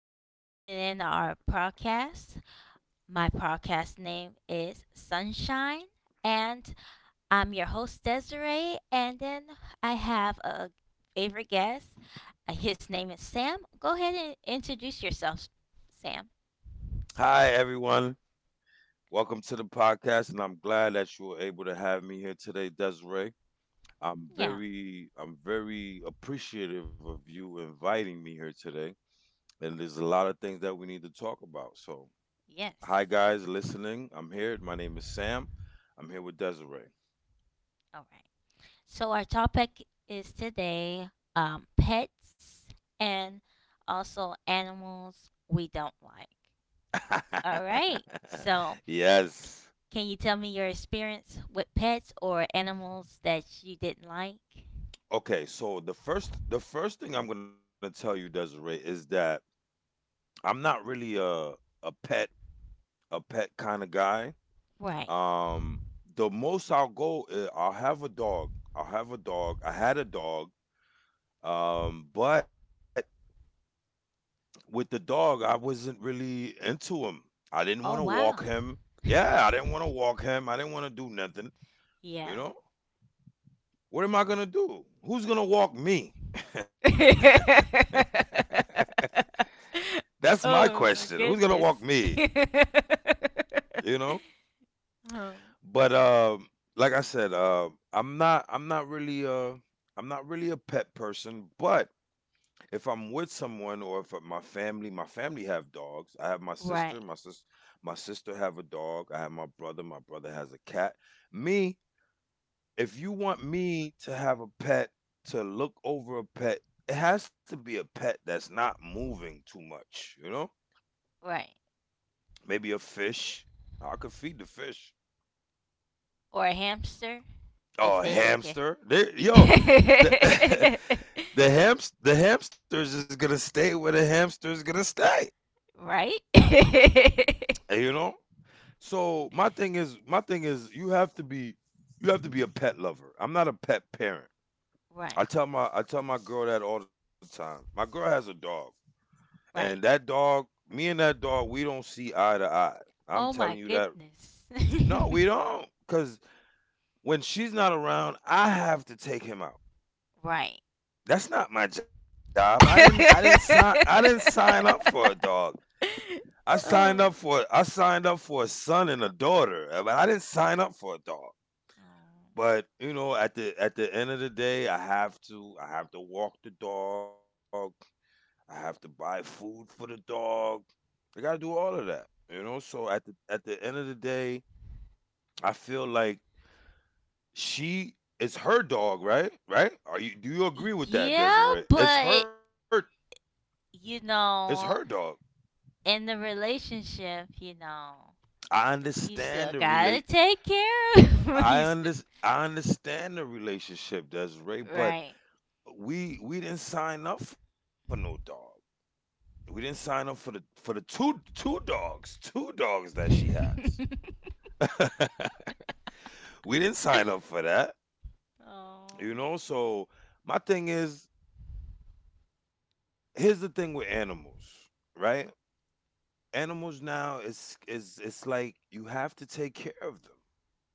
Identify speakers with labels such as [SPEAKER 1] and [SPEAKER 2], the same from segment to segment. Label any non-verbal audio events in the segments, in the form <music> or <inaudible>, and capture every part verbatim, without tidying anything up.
[SPEAKER 1] Thank you for tuning in to our podcast. My podcast name is Sunshine, and I'm your host, Desiree. And then I have a favorite guest. Uh, His name is Sam. Go ahead and introduce yourself, Sam.
[SPEAKER 2] Hi, everyone. Welcome to the podcast, and I'm glad that you were able to have me here today, Desiree. I'm
[SPEAKER 1] Yeah,
[SPEAKER 2] very, I'm very appreciative of you inviting me here today. And there's a lot of things that we need to talk about. So,
[SPEAKER 1] yes.
[SPEAKER 2] hi, guys, listening. I'm here. My name is Sam. I'm here with Desiree.
[SPEAKER 1] All right. So, our topic is today um, pets and also animals we don't like. All right. So,
[SPEAKER 2] <laughs> Yes.
[SPEAKER 1] can you tell me your experience with pets or animals that you didn't like?
[SPEAKER 2] Okay, so the first the first thing I'm gonna tell you, Desiree, is that I'm not really a a pet a pet kind of guy.
[SPEAKER 1] Right.
[SPEAKER 2] Um, the most I'll go, uh, I'll have a dog. I'll have a dog. I had a dog. Um, but with the dog, I wasn't really into him. I didn't want to
[SPEAKER 1] Oh,
[SPEAKER 2] walk
[SPEAKER 1] wow.
[SPEAKER 2] him. Yeah, I didn't want to
[SPEAKER 1] <laughs>
[SPEAKER 2] walk him. I didn't want to do nothing. You
[SPEAKER 1] Yeah.
[SPEAKER 2] know, what am I gonna do? Who's gonna walk me?
[SPEAKER 1] <laughs>
[SPEAKER 2] <laughs> That's my question. Who's
[SPEAKER 1] Oh, my
[SPEAKER 2] gonna walk me?
[SPEAKER 1] goodness. <laughs>
[SPEAKER 2] You know.
[SPEAKER 1] Oh,
[SPEAKER 2] But um, like I said, uh, I'm not. I'm not really. Uh, I'm not really a pet person, but if I'm with someone or if my family, my family have dogs. I have my sister, my
[SPEAKER 1] right,
[SPEAKER 2] sis, my sister have a dog. I have my brother, my brother has a cat. Me, if you want me to have a pet, to look over a pet, it has to be a pet that's not moving too much, you know?
[SPEAKER 1] right.
[SPEAKER 2] Maybe a fish. I could feed the fish.
[SPEAKER 1] Or a hamster. They
[SPEAKER 2] Oh, a
[SPEAKER 1] stay in the kid.
[SPEAKER 2] hamster. They, yo, the <laughs>
[SPEAKER 1] <laughs>
[SPEAKER 2] the hamst the hamster's just gonna stay where the hamster's gonna stay.
[SPEAKER 1] Right? <laughs>
[SPEAKER 2] You know? So my thing is, my thing is, you have to be, you have to be a pet lover. I'm not a pet parent.
[SPEAKER 1] Right,
[SPEAKER 2] I tell my, I tell my girl that all the time. My girl has a dog, and that
[SPEAKER 1] right.
[SPEAKER 2] dog, me and that dog, we don't see eye to eye. I'm
[SPEAKER 1] Oh
[SPEAKER 2] telling
[SPEAKER 1] my
[SPEAKER 2] you that.
[SPEAKER 1] goodness. <laughs>
[SPEAKER 2] No, we don't, because when she's not around, I have to take him out.
[SPEAKER 1] Right.
[SPEAKER 2] That's not my job. I didn't, I
[SPEAKER 1] <laughs>
[SPEAKER 2] didn't sign, I didn't sign up for a dog. I signed up for,
[SPEAKER 1] Oh.
[SPEAKER 2] I signed up for a son and a daughter, but I didn't sign up for a dog. But, you know, at the at the end of the day, I have to I have to walk the dog. I have to buy food for the dog. I got to do all of that. You know, so at the at the end of the day, I feel like she it's her dog, right? Right? Are you do you agree with that,
[SPEAKER 1] Yeah,
[SPEAKER 2] Desiree? It's
[SPEAKER 1] but
[SPEAKER 2] her
[SPEAKER 1] you
[SPEAKER 2] it's her dog.
[SPEAKER 1] know, in the relationship, you know,
[SPEAKER 2] I
[SPEAKER 1] you
[SPEAKER 2] understand
[SPEAKER 1] still
[SPEAKER 2] the
[SPEAKER 1] gotta
[SPEAKER 2] relate
[SPEAKER 1] take care of <laughs>
[SPEAKER 2] I
[SPEAKER 1] you st-
[SPEAKER 2] under, I understand the relationship, Desiree, but
[SPEAKER 1] right.
[SPEAKER 2] we we didn't sign up for no dog. We didn't sign up for the for the two two dogs, two dogs that she has.
[SPEAKER 1] <laughs>
[SPEAKER 2] <laughs> We didn't sign up for that. You
[SPEAKER 1] Oh.
[SPEAKER 2] know, so my thing is here's the thing with animals, right? Animals now is is it's like you have to take care of them.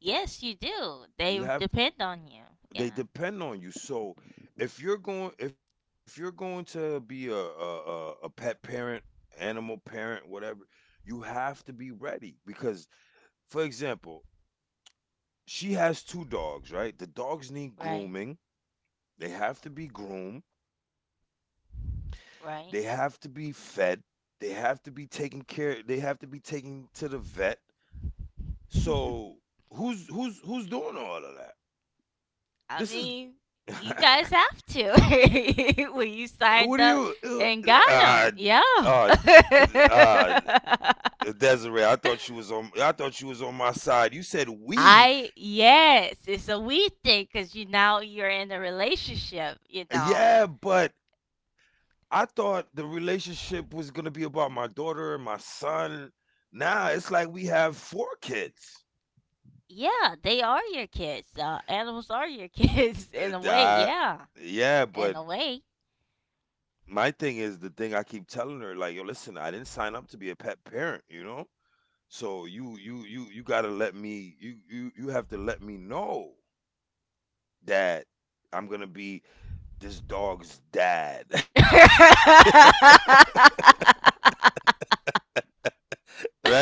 [SPEAKER 1] Yes, you do. They
[SPEAKER 2] You
[SPEAKER 1] depend
[SPEAKER 2] have
[SPEAKER 1] on you. Yeah.
[SPEAKER 2] they depend on you. So if you're going if you're going to be a a, a, a pet parent, animal parent, whatever, you have to be ready because for example, she has two dogs, right? The dogs need
[SPEAKER 1] Right.
[SPEAKER 2] grooming. They have to be groomed. They have to
[SPEAKER 1] Right.
[SPEAKER 2] be fed. They have to be taken care. They have to be taken to the vet. So
[SPEAKER 1] <laughs>
[SPEAKER 2] who's who's who's doing all of that?
[SPEAKER 1] I
[SPEAKER 2] This is
[SPEAKER 1] mean, you guys
[SPEAKER 2] <laughs>
[SPEAKER 1] have to <laughs> when
[SPEAKER 2] what
[SPEAKER 1] you
[SPEAKER 2] do
[SPEAKER 1] signed
[SPEAKER 2] you?
[SPEAKER 1] up and
[SPEAKER 2] Uh,
[SPEAKER 1] got them. Yeah.
[SPEAKER 2] uh, uh,
[SPEAKER 1] <laughs>
[SPEAKER 2] uh, Desiree, I thought you was on. I thought you was on my side. You said we.
[SPEAKER 1] I yes, it's a we thing because you now you're in a relationship. You know.
[SPEAKER 2] Yeah, but I thought the relationship was gonna be about my daughter and my son. Now it's like we have four kids.
[SPEAKER 1] Yeah, they are your kids. Uh, animals are your kids <laughs> in a
[SPEAKER 2] And
[SPEAKER 1] way.
[SPEAKER 2] I
[SPEAKER 1] Yeah,
[SPEAKER 2] yeah,
[SPEAKER 1] in
[SPEAKER 2] but
[SPEAKER 1] a way.
[SPEAKER 2] my thing is the thing I keep telling her, like, "Yo, listen, I didn't sign up to be a pet parent, you know? So you you you you gotta let me you you you have to let me know that I'm gonna be this dog's dad." <laughs> Right?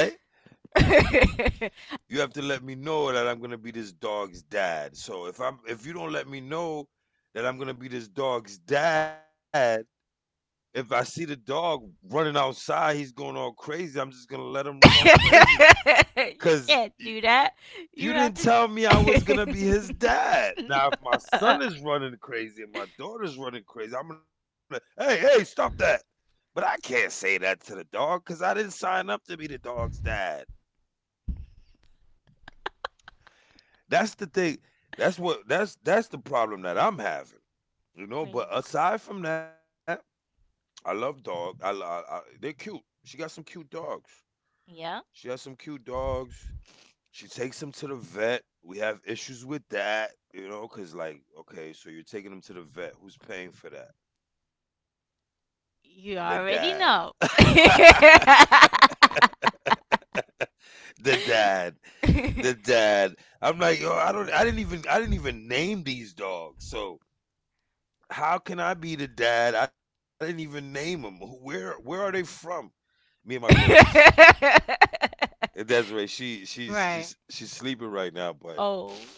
[SPEAKER 1] <laughs>
[SPEAKER 2] You have to let me know that I'm gonna be this dog's dad. So if I'm if you don't let me know that I'm gonna be this dog's dad, if I see the dog running outside, he's going all crazy. I'm just gonna let him run all crazy
[SPEAKER 1] <laughs> you
[SPEAKER 2] because
[SPEAKER 1] can't do that. You
[SPEAKER 2] you
[SPEAKER 1] have
[SPEAKER 2] didn't
[SPEAKER 1] to.
[SPEAKER 2] tell me I was gonna be his dad. Now if my son
[SPEAKER 1] <laughs>
[SPEAKER 2] is running crazy and my daughter's running crazy, I'm gonna hey hey stop that. But I can't say that to the dog because I didn't sign up to be the dog's dad. That's the thing. That's what that's that's the problem that I'm having, you know, but
[SPEAKER 1] Man.
[SPEAKER 2] aside from that, I love dog. I, I, I they're cute. She got some cute dogs.
[SPEAKER 1] Yeah,
[SPEAKER 2] She has some cute dogs. She takes them to the vet. We have issues with that, you know, cuz like, okay, so you're taking them to the vet. Who's paying for that? The
[SPEAKER 1] you
[SPEAKER 2] dad.
[SPEAKER 1] already
[SPEAKER 2] <laughs>
[SPEAKER 1] know. <laughs>
[SPEAKER 2] The dad. The dad. I'm like, yo, I don't I didn't even I didn't even name these dogs. So how can I be the dad? I didn't even name them. Who- Where where are they from? Me and my girl. She's uh, Desiree. She she's
[SPEAKER 1] Right.
[SPEAKER 2] she's she's sleeping right now, but
[SPEAKER 1] Oh,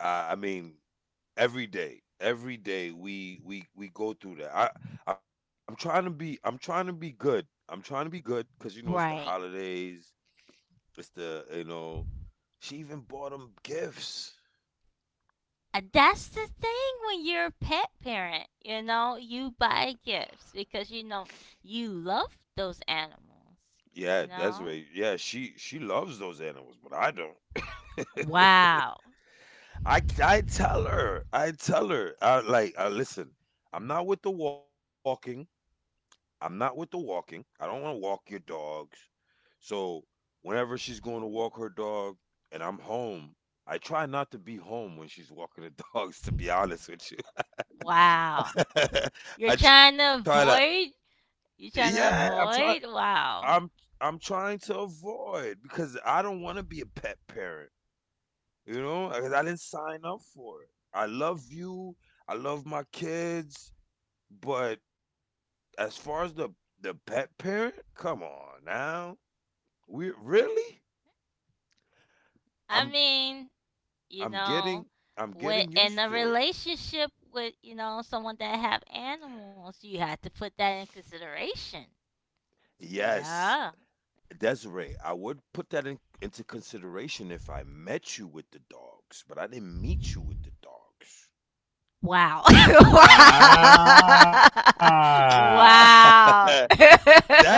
[SPEAKER 2] I, I mean every day, every day we we we go through that. I I'm trying to be I'm trying to be good. I'm trying to be good because you know it's the
[SPEAKER 1] right.
[SPEAKER 2] holidays. It's the you know. She even bought them gifts.
[SPEAKER 1] Uh, That's the thing when you're a pet parent, you know, you buy gifts because you know you love those animals,
[SPEAKER 2] Yeah,
[SPEAKER 1] you know?
[SPEAKER 2] Desiree. Yeah, she she loves those animals, but I don't. <laughs>
[SPEAKER 1] Wow.
[SPEAKER 2] I I tell her, I tell her, uh, like, uh, "Listen, I'm not with the walking. I'm not with the walking. I don't wanna walk your dogs. So whenever she's going to walk her dog and I'm home, I try not to be home when she's walking the <laughs> dogs, to be honest with you.
[SPEAKER 1] Wow.
[SPEAKER 2] <laughs> I
[SPEAKER 1] You're
[SPEAKER 2] try
[SPEAKER 1] trying
[SPEAKER 2] to
[SPEAKER 1] to avoid you're
[SPEAKER 2] Yeah,
[SPEAKER 1] trying
[SPEAKER 2] I'm
[SPEAKER 1] to
[SPEAKER 2] trying
[SPEAKER 1] avoid?
[SPEAKER 2] I'm
[SPEAKER 1] Wow.
[SPEAKER 2] I'm trying to avoid because I don't wanna be a pet parent. You know, I, I didn't sign up for it. I love you. I love my kids. But as far as the the pet parent, come on now. We really?
[SPEAKER 1] I
[SPEAKER 2] I'm
[SPEAKER 1] mean, you
[SPEAKER 2] I'm
[SPEAKER 1] know,
[SPEAKER 2] getting I'm getting
[SPEAKER 1] with in
[SPEAKER 2] used
[SPEAKER 1] a
[SPEAKER 2] to it.
[SPEAKER 1] relationship with, you know, someone that have animals, you have to put that in consideration.
[SPEAKER 2] Yes,
[SPEAKER 1] Yeah.
[SPEAKER 2] Desiree, I would put that in, into consideration if I met you with the dogs, but I didn't meet you with the dogs.
[SPEAKER 1] Wow. <laughs>
[SPEAKER 2] Ah. <laughs>
[SPEAKER 1] Wow. <laughs>
[SPEAKER 2] That's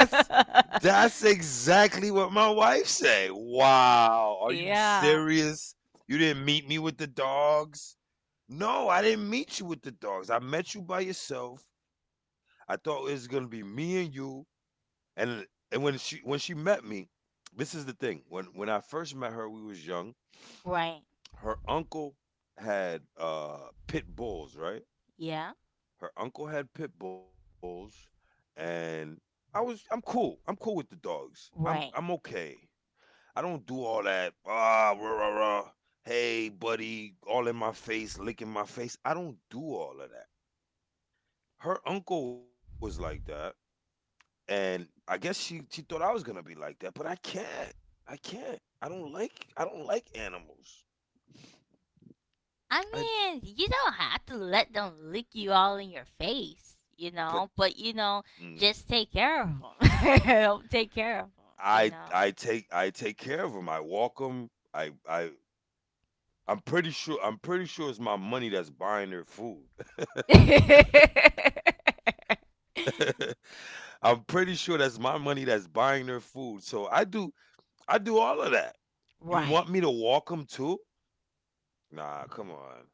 [SPEAKER 2] that's exactly what my wife say. Wow, are you
[SPEAKER 1] yeah.
[SPEAKER 2] serious? You didn't meet me with the dogs? No, I didn't meet you with the dogs. I met you by yourself. I thought it was gonna be me and you. And and when she when she met me, this is the thing. When when I first met her, we was young.
[SPEAKER 1] Right.
[SPEAKER 2] Her uncle had uh pit bulls, right?
[SPEAKER 1] Yeah.
[SPEAKER 2] Her uncle had pit bulls, and I was I'm cool. I'm cool with the dogs. I'm
[SPEAKER 1] Right.
[SPEAKER 2] I'm okay. I don't do all that ah rah rah rah. Hey buddy, all in my face, licking my face. I don't do all of that. Her uncle was like that, and I guess she she thought I was gonna be like that, but I can't. I can't. I don't like I don't like animals.
[SPEAKER 1] I
[SPEAKER 2] I
[SPEAKER 1] mean, you don't have to let them lick you all in your face, you
[SPEAKER 2] but
[SPEAKER 1] know, but you
[SPEAKER 2] mm,
[SPEAKER 1] know, just take care of them. <laughs> Take care of them,
[SPEAKER 2] I
[SPEAKER 1] you
[SPEAKER 2] I
[SPEAKER 1] know.
[SPEAKER 2] take I take care of them. I walk them. I I I'm pretty sure I'm pretty sure it's my money that's buying their food.
[SPEAKER 1] <laughs>
[SPEAKER 2] <laughs> I'm pretty sure that's my money that's buying their food. So I do I do all of that. You want
[SPEAKER 1] Right.
[SPEAKER 2] me to walk them too? Nah, come on.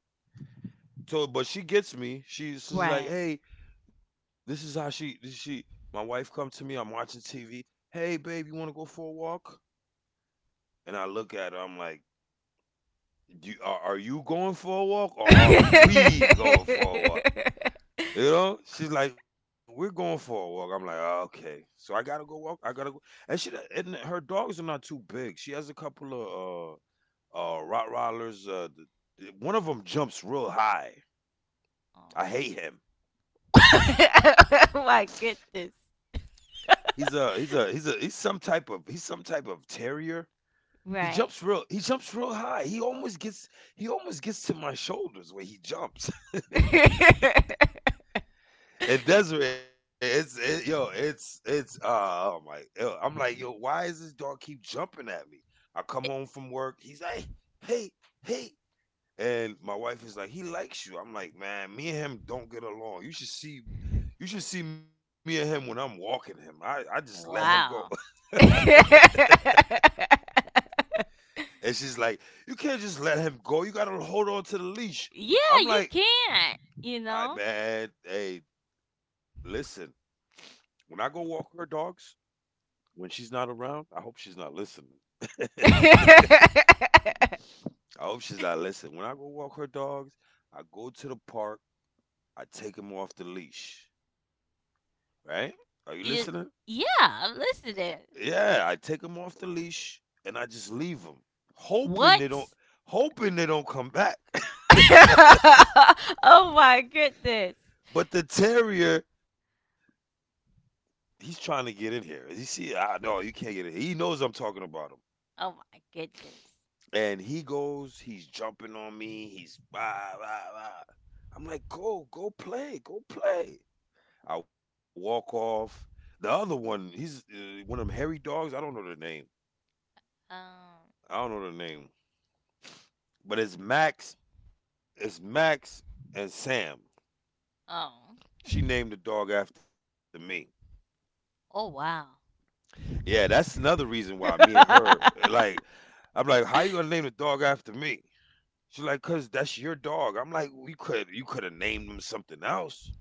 [SPEAKER 2] So but she gets me. She's just like,
[SPEAKER 1] Right.
[SPEAKER 2] "Hey, this is how she this she my wife come to me, I'm watching T V. "Hey, babe, you want to go for a walk?" And I look at her. I'm like, do, are, "Are you going for a walk or are we going for a walk?"
[SPEAKER 1] <laughs>
[SPEAKER 2] You know, she's like, "We're going for a walk." I'm like, "Oh, okay." So I gotta go walk. I gotta go, and she and her dogs are not too big. She has a couple of uh uh Rottweilers. Uh, th- th- one of them jumps real high. I
[SPEAKER 1] Oh,
[SPEAKER 2] hate him.
[SPEAKER 1] <laughs> oh my goodness.
[SPEAKER 2] He's a he's a he's a he's some type of he's some type of terrier. He jumps
[SPEAKER 1] Right.
[SPEAKER 2] real he jumps real high. He almost gets he almost gets to my shoulders when he jumps. <laughs>
[SPEAKER 1] <laughs>
[SPEAKER 2] And Desiree, it's it, yo, it's it's uh, oh my, yo, I'm like yo, why is this dog keep jumping at me? I come
[SPEAKER 1] It-
[SPEAKER 2] home from work, he's like, hey, hey, and my wife is like, he likes you. I'm like, man, me and him don't get along. You should see, you should see me and him when I'm walking him. I I just let him go, <laughs>
[SPEAKER 1] wow. <laughs> Yeah,
[SPEAKER 2] and she's like, you can't just let him go. You gotta hold on to the leash. I'm
[SPEAKER 1] you
[SPEAKER 2] like,
[SPEAKER 1] can, you
[SPEAKER 2] I
[SPEAKER 1] know?
[SPEAKER 2] man, hey, listen, when I go walk her dogs, when she's not around, I hope she's not listening. <laughs> I hope she's not listening. When I go walk her dogs, I go to the park, I take them off the leash. Right? Are you listening?
[SPEAKER 1] <laughs> You, yeah, I'm listening.
[SPEAKER 2] Yeah, I take them off the leash and I just leave them, hoping they don't,
[SPEAKER 1] What?
[SPEAKER 2] hoping they don't come back. <laughs> but,
[SPEAKER 1] <laughs> Oh my goodness.
[SPEAKER 2] but the terrier, he's trying to get in here. You see, I no, you can't get in here. He knows I'm talking about him.
[SPEAKER 1] Oh my goodness.
[SPEAKER 2] And he goes, he's jumping on me, he's rah, rah, rah. I'm like, go, go play, go play. I walk off. The other one, he's uh, one of them hairy dogs. I don't know their name.
[SPEAKER 1] Um,
[SPEAKER 2] I don't know their name. But it's Max, it's Max and Sam.
[SPEAKER 1] oh.
[SPEAKER 2] She named the
[SPEAKER 1] <laughs>
[SPEAKER 2] dog after me.
[SPEAKER 1] Oh wow.
[SPEAKER 2] Yeah, that's
[SPEAKER 1] <laughs>
[SPEAKER 2] another reason why me and her, like, I'm like, how
[SPEAKER 1] Well.
[SPEAKER 2] you gonna name the dog after me? She's like, cause that's your dog. I'm like, you could, you could have named him something else.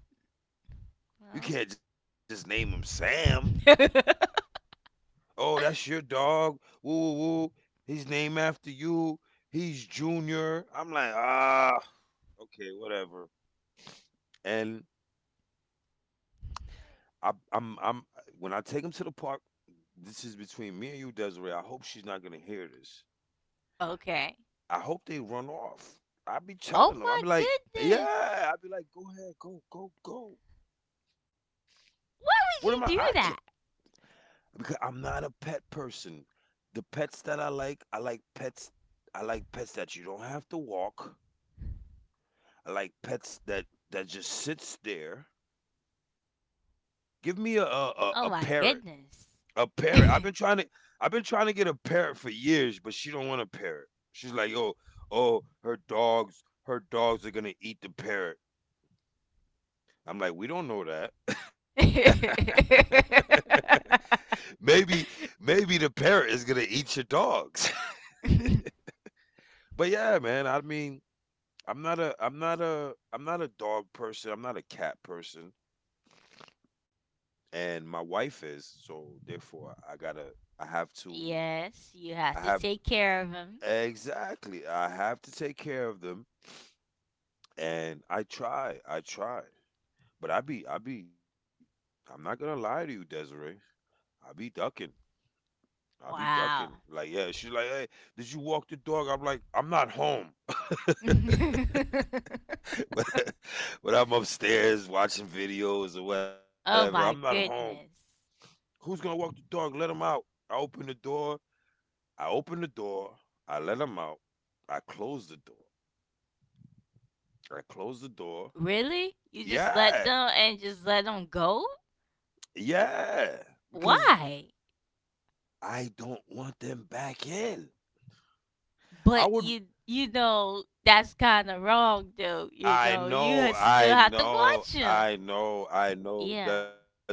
[SPEAKER 2] You can't just name him Sam.
[SPEAKER 1] <laughs>
[SPEAKER 2] Oh, that's your dog. Woo woo woo. He's named after you. He's Junior. I'm like, ah, okay, whatever. And I, I'm, I'm, when I take him to the park, this is between me and you, Desiree. I hope she's not gonna hear this.
[SPEAKER 1] Okay.
[SPEAKER 2] I hope they run off. I be
[SPEAKER 1] Oh
[SPEAKER 2] telling them. I be
[SPEAKER 1] my
[SPEAKER 2] like,
[SPEAKER 1] goodness.
[SPEAKER 2] yeah. I be like, go ahead, go, go, go. What
[SPEAKER 1] Why
[SPEAKER 2] am I? I
[SPEAKER 1] would
[SPEAKER 2] can't.
[SPEAKER 1] you do that?
[SPEAKER 2] Because I'm not a pet person. The pets that I like, I like pets. I like pets that you don't have to walk. I like pets that that just sits there. Give me a a, a,
[SPEAKER 1] Oh
[SPEAKER 2] a
[SPEAKER 1] my
[SPEAKER 2] parrot.
[SPEAKER 1] goodness.
[SPEAKER 2] A parrot. I've been trying to I've been trying to get a parrot for years, but she don't want a parrot. She's like, "Oh, oh, her dogs, her dogs are going to eat the parrot." I'm like, "We don't know that." <laughs> Maybe
[SPEAKER 1] <laughs>
[SPEAKER 2] maybe the parrot is going to eat your dogs. But yeah, man, I mean, I'm not a I'm not a I'm not a dog person. I'm not a cat person, and my wife is, so therefore I gotta I have to
[SPEAKER 1] Yes, you
[SPEAKER 2] I
[SPEAKER 1] have to
[SPEAKER 2] have
[SPEAKER 1] take care of him.
[SPEAKER 2] exactly I have to take care of them, and I try I try, but I be I be I'm not gonna lie to you, Desiree. I be ducking. I be ducking.
[SPEAKER 1] Wow.
[SPEAKER 2] Like yeah, she's like, hey, did you walk the dog? I'm like, I'm not home. <laughs>
[SPEAKER 1] <laughs>
[SPEAKER 2] But I'm upstairs watching videos or whatever, I'm not
[SPEAKER 1] Oh my
[SPEAKER 2] home.
[SPEAKER 1] goodness.
[SPEAKER 2] Who's gonna walk the dog? Let him out. I open the door. I open the door. I let him out. I close the door. I close the door.
[SPEAKER 1] Really? You just let
[SPEAKER 2] Yeah,
[SPEAKER 1] them and just let them go?
[SPEAKER 2] yeah. Because
[SPEAKER 1] Why?
[SPEAKER 2] I don't want them back in. I
[SPEAKER 1] But
[SPEAKER 2] would.
[SPEAKER 1] you you know that's kind of wrong though. You
[SPEAKER 2] I
[SPEAKER 1] know you ha-
[SPEAKER 2] know.
[SPEAKER 1] still
[SPEAKER 2] I
[SPEAKER 1] have to
[SPEAKER 2] know.
[SPEAKER 1] watch him.
[SPEAKER 2] I know. I know.
[SPEAKER 1] Yeah,
[SPEAKER 2] Des,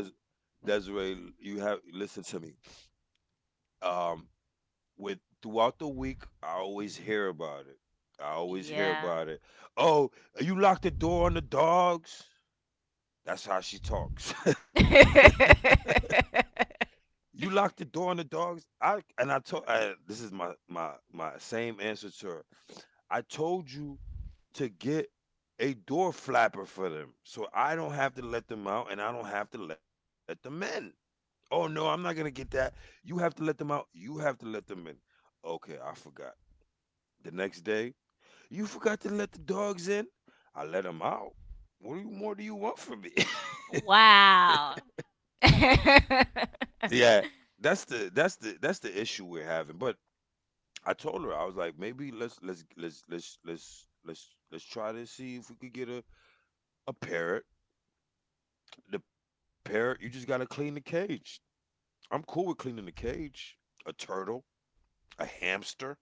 [SPEAKER 2] Desiree, you have listen to me. Um, with throughout the week, I always hear about it. I always hear
[SPEAKER 1] yeah.
[SPEAKER 2] about it. Oh, you locked the door on the dogs. That's how she talks. <laughs>
[SPEAKER 1] <laughs>
[SPEAKER 2] You lock the door on the dogs. I and I told I, this is my my my same answer to her. I told you to get a door flapper for them, so I don't have to let them out and I don't have to let them in. Oh no, I'm not gonna get that. You have to let them out. You have to let them in. Okay, I forgot. The next day, you forgot to let the dogs in. I let them out. What do you- more do you want from me? <laughs>
[SPEAKER 1] Wow. <laughs>
[SPEAKER 2] Yeah, that's the that's the that's the issue we're having. But I told her I was like, maybe let's let's let's let's let's let's let's try to see if we could get a a parrot. The parrot, you just gotta clean the cage. I'm cool with cleaning the cage. A turtle, a hamster.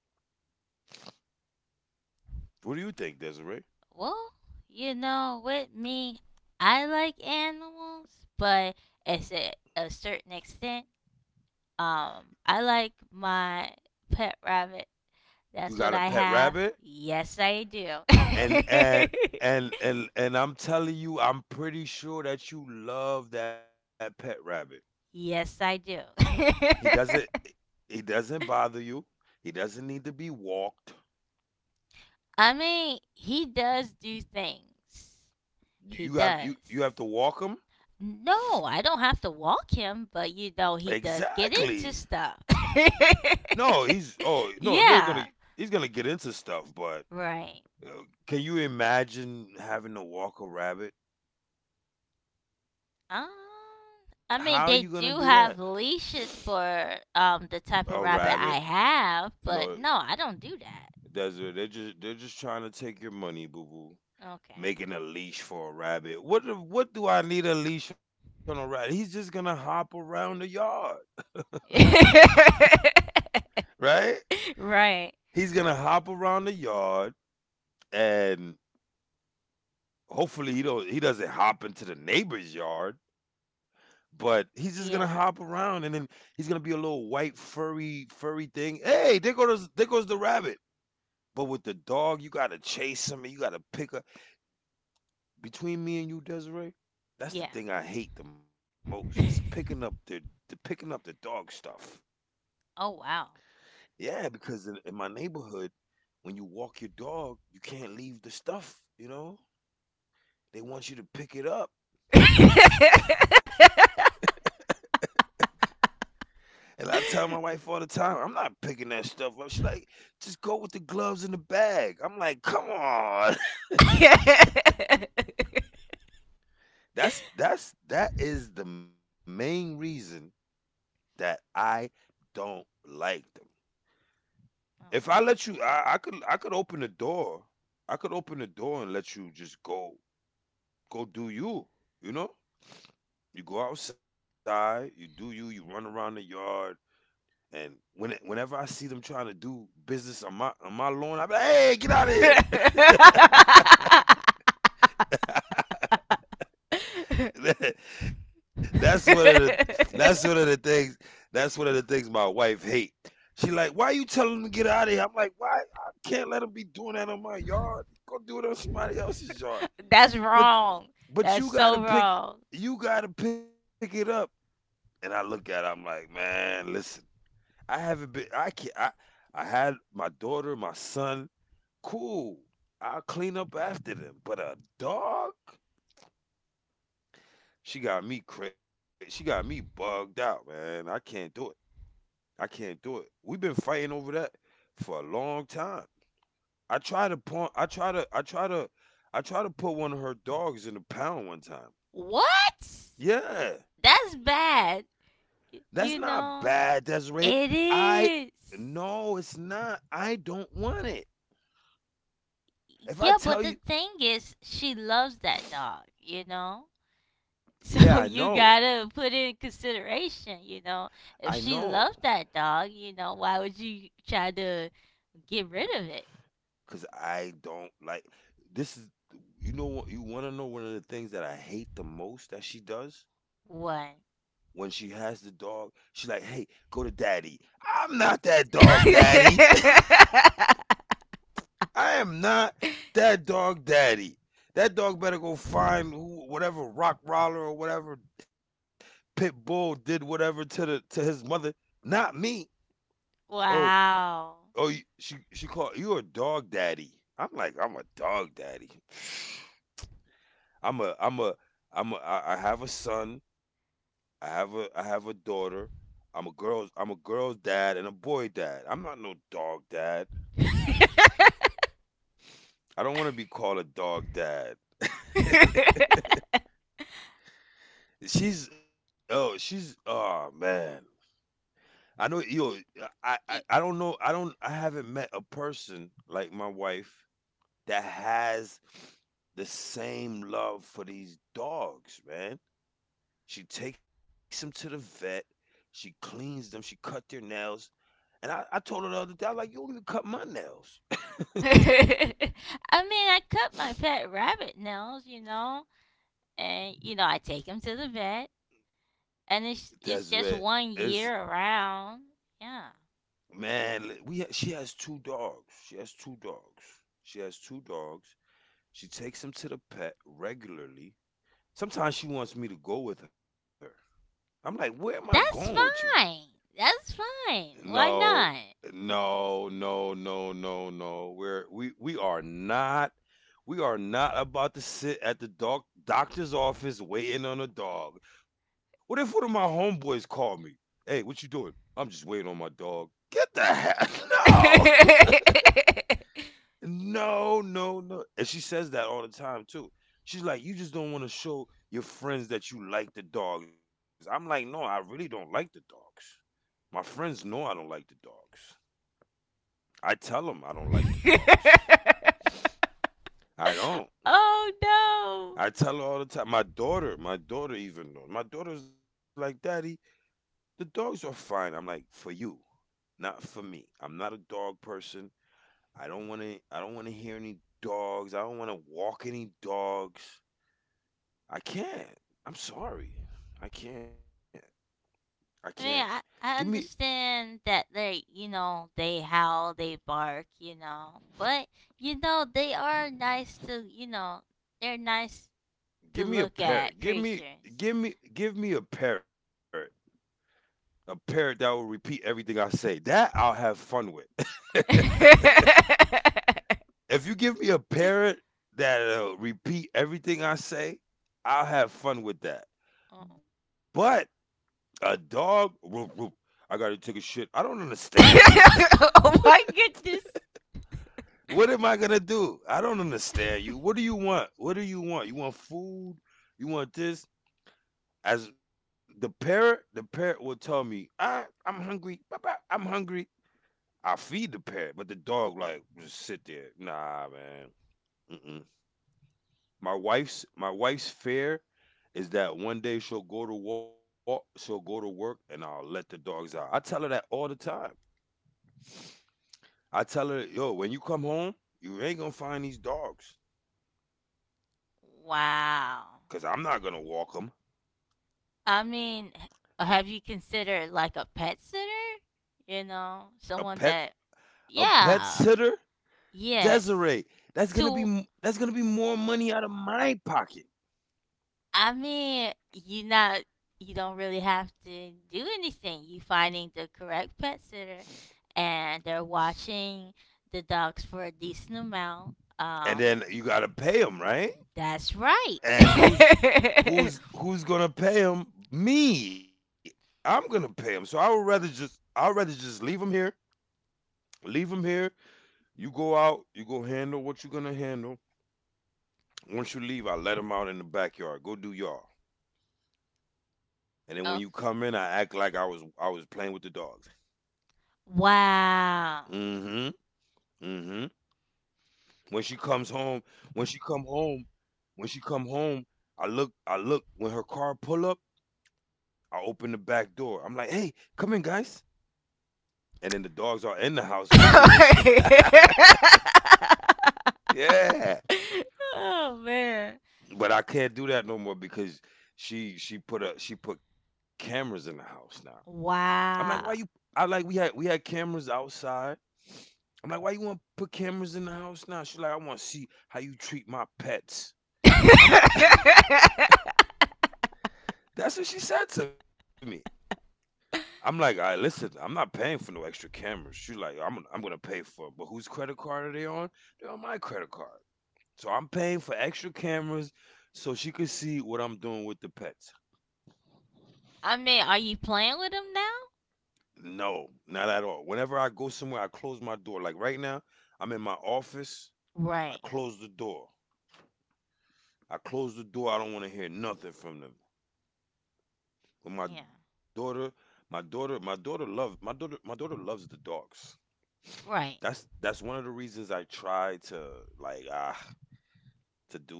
[SPEAKER 2] What do you think, Desiree?
[SPEAKER 1] Well, you know, with me, I like animals, but it's a, a certain extent. Um, I like my pet rabbit.
[SPEAKER 2] You
[SPEAKER 1] That's
[SPEAKER 2] got
[SPEAKER 1] what
[SPEAKER 2] a
[SPEAKER 1] I
[SPEAKER 2] pet
[SPEAKER 1] have.
[SPEAKER 2] rabbit,
[SPEAKER 1] Yes, I do.
[SPEAKER 2] and and
[SPEAKER 1] <laughs>
[SPEAKER 2] and and and I'm telling you, I'm pretty sure that you love that pet rabbit.
[SPEAKER 1] Yes, I do.
[SPEAKER 2] He
[SPEAKER 1] <laughs>
[SPEAKER 2] doesn't he doesn't bother you. He doesn't need to be walked.
[SPEAKER 1] I mean, he does do things. He
[SPEAKER 2] You got you you have
[SPEAKER 1] does.
[SPEAKER 2] to walk him?
[SPEAKER 1] No, I don't have to walk him, but you know, he does
[SPEAKER 2] Exactly.
[SPEAKER 1] get into stuff.
[SPEAKER 2] No, he's oh
[SPEAKER 1] <laughs>
[SPEAKER 2] no, they're gonna
[SPEAKER 1] Yeah,
[SPEAKER 2] he's gonna get into stuff, but
[SPEAKER 1] right.
[SPEAKER 2] uh, can you imagine having to walk a rabbit?
[SPEAKER 1] Um,
[SPEAKER 2] How are you
[SPEAKER 1] I
[SPEAKER 2] gonna
[SPEAKER 1] mean,
[SPEAKER 2] do
[SPEAKER 1] they
[SPEAKER 2] that?
[SPEAKER 1] do have leashes for um the
[SPEAKER 2] A
[SPEAKER 1] type of rabbit
[SPEAKER 2] rabbit?
[SPEAKER 1] I have,
[SPEAKER 2] No,
[SPEAKER 1] but no, I don't do
[SPEAKER 2] desert. They're just they're just trying to take your money, boo boo.
[SPEAKER 1] that.
[SPEAKER 2] Making a leash for a rabbit. What do- what do I need a leash on a rabbit? He's just gonna hop around the yard,
[SPEAKER 1] Okay.
[SPEAKER 2] right?
[SPEAKER 1] <laughs> Right.
[SPEAKER 2] He's gonna hop around the yard and hopefully he don't he doesn't hop into the neighbor's yard, but he's just gonna hop
[SPEAKER 1] Yeah.
[SPEAKER 2] around and then he's gonna be a little white furry furry thing. Hey, there goes there goes the rabbit. But with the dog, you gotta chase him and you gotta pick up. Between me and you, Desiree, that's
[SPEAKER 1] Yeah.
[SPEAKER 2] the thing I hate the most. Is picking up the, the picking up the dog stuff.
[SPEAKER 1] Oh wow.
[SPEAKER 2] Yeah, because in, in my neighborhood, when you walk your dog, you can't leave the stuff. You know, they want you to pick it up.
[SPEAKER 1] <laughs>
[SPEAKER 2] And I tell my wife all the time, I'm not picking that stuff up. She's like, just go with the gloves in the bag. I'm like, come on. <laughs> That's that's that is the main reason that I don't like them. If I let you I, I could I could open the door. I could open the door and let you just go go do you. You know? You go outside, you do you, you run around the yard, and when whenever I see them trying to do business on my on my lawn, I'm like, hey, get out of here. <laughs> that's one of the that's one of the things that's one of the things my wife hate. She like, why you telling him to get out of here? I'm like, why? I can't let him be doing that on my yard. Go do it on somebody else's yard.
[SPEAKER 1] That's
[SPEAKER 2] But
[SPEAKER 1] wrong.
[SPEAKER 2] but
[SPEAKER 1] That's
[SPEAKER 2] you gotta
[SPEAKER 1] so
[SPEAKER 2] pick
[SPEAKER 1] wrong.
[SPEAKER 2] you gotta pick it up. And I look at her, I'm like, man, listen, I haven't been I can not I I had my daughter, my son, cool. I'll clean up after them. But a dog? She got me crazy. She got me bugged out, man. I can't do it. I can't do it. We've been fighting over that for a long time. I try to point. I try to. I try to. I try to put one of her dogs in the pound one time.
[SPEAKER 1] What?
[SPEAKER 2] Yeah,
[SPEAKER 1] That's bad.
[SPEAKER 2] that's
[SPEAKER 1] Y-
[SPEAKER 2] not
[SPEAKER 1] you
[SPEAKER 2] bad,
[SPEAKER 1] know?
[SPEAKER 2] Desiree.
[SPEAKER 1] It
[SPEAKER 2] I
[SPEAKER 1] is.
[SPEAKER 2] no, it's not. I don't want it. If I
[SPEAKER 1] Yeah, but
[SPEAKER 2] tell
[SPEAKER 1] the
[SPEAKER 2] you,
[SPEAKER 1] thing is, she loves that dog, you know?
[SPEAKER 2] yeah,
[SPEAKER 1] So <laughs>
[SPEAKER 2] I
[SPEAKER 1] you
[SPEAKER 2] know.
[SPEAKER 1] gotta put it in consideration, you know.
[SPEAKER 2] I
[SPEAKER 1] If
[SPEAKER 2] know,
[SPEAKER 1] she loved that dog, you know, why would you try to get rid of it?
[SPEAKER 2] cause I don't like. This is you know what you want to know one of the things that I hate the most that she does.
[SPEAKER 1] One.
[SPEAKER 2] When she has the dog, she's like, "Hey, go to daddy." I'm not that dog daddy.
[SPEAKER 1] <laughs>
[SPEAKER 2] <laughs> I am not that dog daddy. That dog better go find who, whatever Rockroller or whatever pit bull did whatever to the to his mother, not me. Oh,
[SPEAKER 1] Wow.
[SPEAKER 2] oh, you- she she called you a dog daddy. I'm like, I'm a dog daddy. <laughs> <sighs> I'm a I'm a I'm a I I have a son. I have a I have a daughter. I'm a girl's I'm a girl's dad and a boy dad. I'm not no dog dad.
[SPEAKER 1] <laughs> I mean,
[SPEAKER 2] I don't want to be called a dog dad. <laughs> she's oh she's oh man. I know yo I, I I don't know I don't I haven't met a person like my wife that has the same love for these dogs, man. She takes them to the vet. She cleans them. She cut their nails. And I, I told her the other day, I was like, you don't even cut my nails.
[SPEAKER 1] I cut my pet rabbit nails, you know, and you know, I take him to the vet, and
[SPEAKER 2] That's
[SPEAKER 1] it's
[SPEAKER 2] right.
[SPEAKER 1] it's just
[SPEAKER 2] It's
[SPEAKER 1] one year around. Yeah.
[SPEAKER 2] man. We ha- she has two dogs. She has two dogs. She has two dogs. She takes them to the pet regularly. Sometimes she wants me to go with her. I'm like, where am I going with you?
[SPEAKER 1] That's fine. That's fine. Why
[SPEAKER 2] No,
[SPEAKER 1] not?
[SPEAKER 2] no, no, no, no, no. We're we we are not we are not about to sit at the doc doctor's office waiting on a dog. What if one of my homeboys call me? Hey, what you doing? I'm just waiting on my dog. Get the heck <laughs> no,
[SPEAKER 1] <laughs>
[SPEAKER 2] <laughs> no, no, no. And she says that all the time too. She's like, you just don't want to show your friends that you like the dogs. I'm like, no, I really don't like the dogs. My friends know I don't like the dogs. I tell them I don't like the dogs. I don't.
[SPEAKER 1] Oh no.
[SPEAKER 2] I tell her all the time. My daughter, my daughter even knows. My daughter's like, Daddy, the dogs are fine. I'm like, for you, not for me. I'm not a dog person. I don't want to. I don't want to hear any dogs. I don't want to walk any dogs. I can't. I'm sorry. I can't. I can't.
[SPEAKER 1] I mean,
[SPEAKER 2] Give
[SPEAKER 1] I,
[SPEAKER 2] me.
[SPEAKER 1] I understand that they, you know, they howl, they bark, you know, but you know they are nice to, you know, they're nice
[SPEAKER 2] Give
[SPEAKER 1] to
[SPEAKER 2] me a
[SPEAKER 1] look
[SPEAKER 2] parrot.
[SPEAKER 1] at
[SPEAKER 2] Give me.
[SPEAKER 1] creatures.
[SPEAKER 2] Give me. Give me a parrot. A parrot that will repeat everything I say. That I'll have fun with.
[SPEAKER 1] <laughs> Oh
[SPEAKER 2] If you give me a parrot that'll repeat everything I say, I'll have fun with that. But a dog, whoop, whoop, I gotta take a shit. I don't understand you.
[SPEAKER 1] <laughs>
[SPEAKER 2] <laughs>
[SPEAKER 1] oh my goodness.
[SPEAKER 2] What am I gonna do? I don't
[SPEAKER 1] <laughs>
[SPEAKER 2] understand you. What do you want? What do you want? You want food? You want this? As the parrot, the parrot will tell me, I, I'm hungry. Papa, I'm hungry. I'll feed the parrot, but the dog like just sit there. Nah, man. Mm-mm. My wife's my wife's fear is that one day she'll go to walk, she'll go to work, and I'll let the dogs out. I tell her that all the time. I tell her, yo, when you come home, you ain't gonna find these dogs,
[SPEAKER 1] Wow.
[SPEAKER 2] cause I'm not gonna walk them.
[SPEAKER 1] I mean, h- have you considered like a pet sitter? You know,
[SPEAKER 2] A
[SPEAKER 1] someone
[SPEAKER 2] pet,
[SPEAKER 1] that,
[SPEAKER 2] a pet
[SPEAKER 1] yeah,
[SPEAKER 2] sitter,
[SPEAKER 1] yes.
[SPEAKER 2] Desiree. That's gonna be
[SPEAKER 1] So,
[SPEAKER 2] m- that's gonna be more money out of my pocket,
[SPEAKER 1] I mean, you not, you don't really have to do anything. You finding the correct pet sitter, and they're watching the dogs for a decent amount.
[SPEAKER 2] and
[SPEAKER 1] Um,
[SPEAKER 2] then you gotta pay them, right?
[SPEAKER 1] that's right. <laughs>
[SPEAKER 2] And who's who's who's gonna pay them? Me. I'm gonna pay them. So I would rather just I'd rather just leave them here. Leave them here. You go out. You go handle what you're gonna handle. Once you leave, I let them out in the backyard. Go do y'all. And then when you come in,
[SPEAKER 1] Oh,
[SPEAKER 2] I act like I was I was playing with the dogs.
[SPEAKER 1] wow.
[SPEAKER 2] Mm-hmm. Mm-hmm. When she comes home, when she come home, when she come home, I look I look when her car pull up. I open the back door. I'm like, hey, come in, guys. And then the dogs are in the house with me when she.
[SPEAKER 1] <laughs>
[SPEAKER 2] <laughs> Yeah.
[SPEAKER 1] Oh man.
[SPEAKER 2] But I can't do that no more because she she put a she put cameras in the house now. I'm like, why you?
[SPEAKER 1] Wow.
[SPEAKER 2] I like we had we had cameras outside. I'm like, why you want to put cameras in the house now? She's like, I want to see how you treat my pets.
[SPEAKER 1] <laughs>
[SPEAKER 2] I'm.
[SPEAKER 1] I
[SPEAKER 2] <laughs> That's what she said to me. I'm like, all right, listen, I'm not paying for no extra cameras. She's like, I'm gonna- I'm gonna pay for it, but whose credit card are they on? They're on my credit card, so I'm paying for extra cameras so she could see what I'm doing with the pets.
[SPEAKER 1] mean, are you playing with him now?
[SPEAKER 2] No, not at all. Whenever I go somewhere, I close my door. Like right now, I'm in my office.
[SPEAKER 1] Right.
[SPEAKER 2] I closed the door. I closed the door. I don't want to hear nothing from them.
[SPEAKER 1] Yeah.
[SPEAKER 2] But my daughter, my daughter, my daughter loves my daughter. My daughter loves the dogs.
[SPEAKER 1] Right.
[SPEAKER 2] That's that's one of the reasons I try to like ah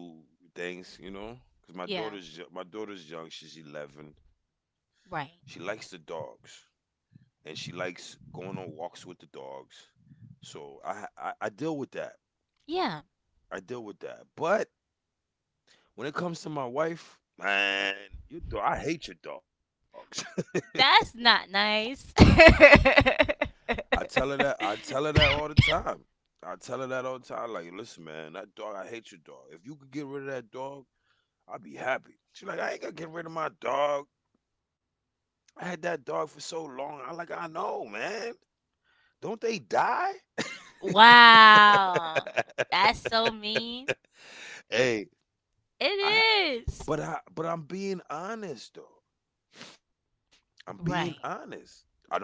[SPEAKER 2] to do things, you know, because
[SPEAKER 1] Yeah.
[SPEAKER 2] my daughter's yo- my daughter's young. She's eleven. She
[SPEAKER 1] Right.
[SPEAKER 2] likes the dogs, and she likes going on walks with the dogs. So I I, I deal with that.
[SPEAKER 1] Yeah.
[SPEAKER 2] I deal with that. But when it comes to my wife, man, you do- I hate your dogs. <laughs>
[SPEAKER 1] That's not nice.
[SPEAKER 2] I tell her that I tell her that all the
[SPEAKER 1] <laughs>
[SPEAKER 2] time. I tell her that all the time. Like, listen, man, that dog, I hate your dog. If you could get rid of that dog, I'd be happy. She's like, I ain't gonna get rid of my dog. I had that dog for so long. I like, I know, man. Don't they die?
[SPEAKER 1] Wow.
[SPEAKER 2] <laughs>
[SPEAKER 1] That's so mean.
[SPEAKER 2] Hey, I
[SPEAKER 1] It is.
[SPEAKER 2] but I, but I'm being honest though. I'm being
[SPEAKER 1] Right.
[SPEAKER 2] honest. I don't, hey,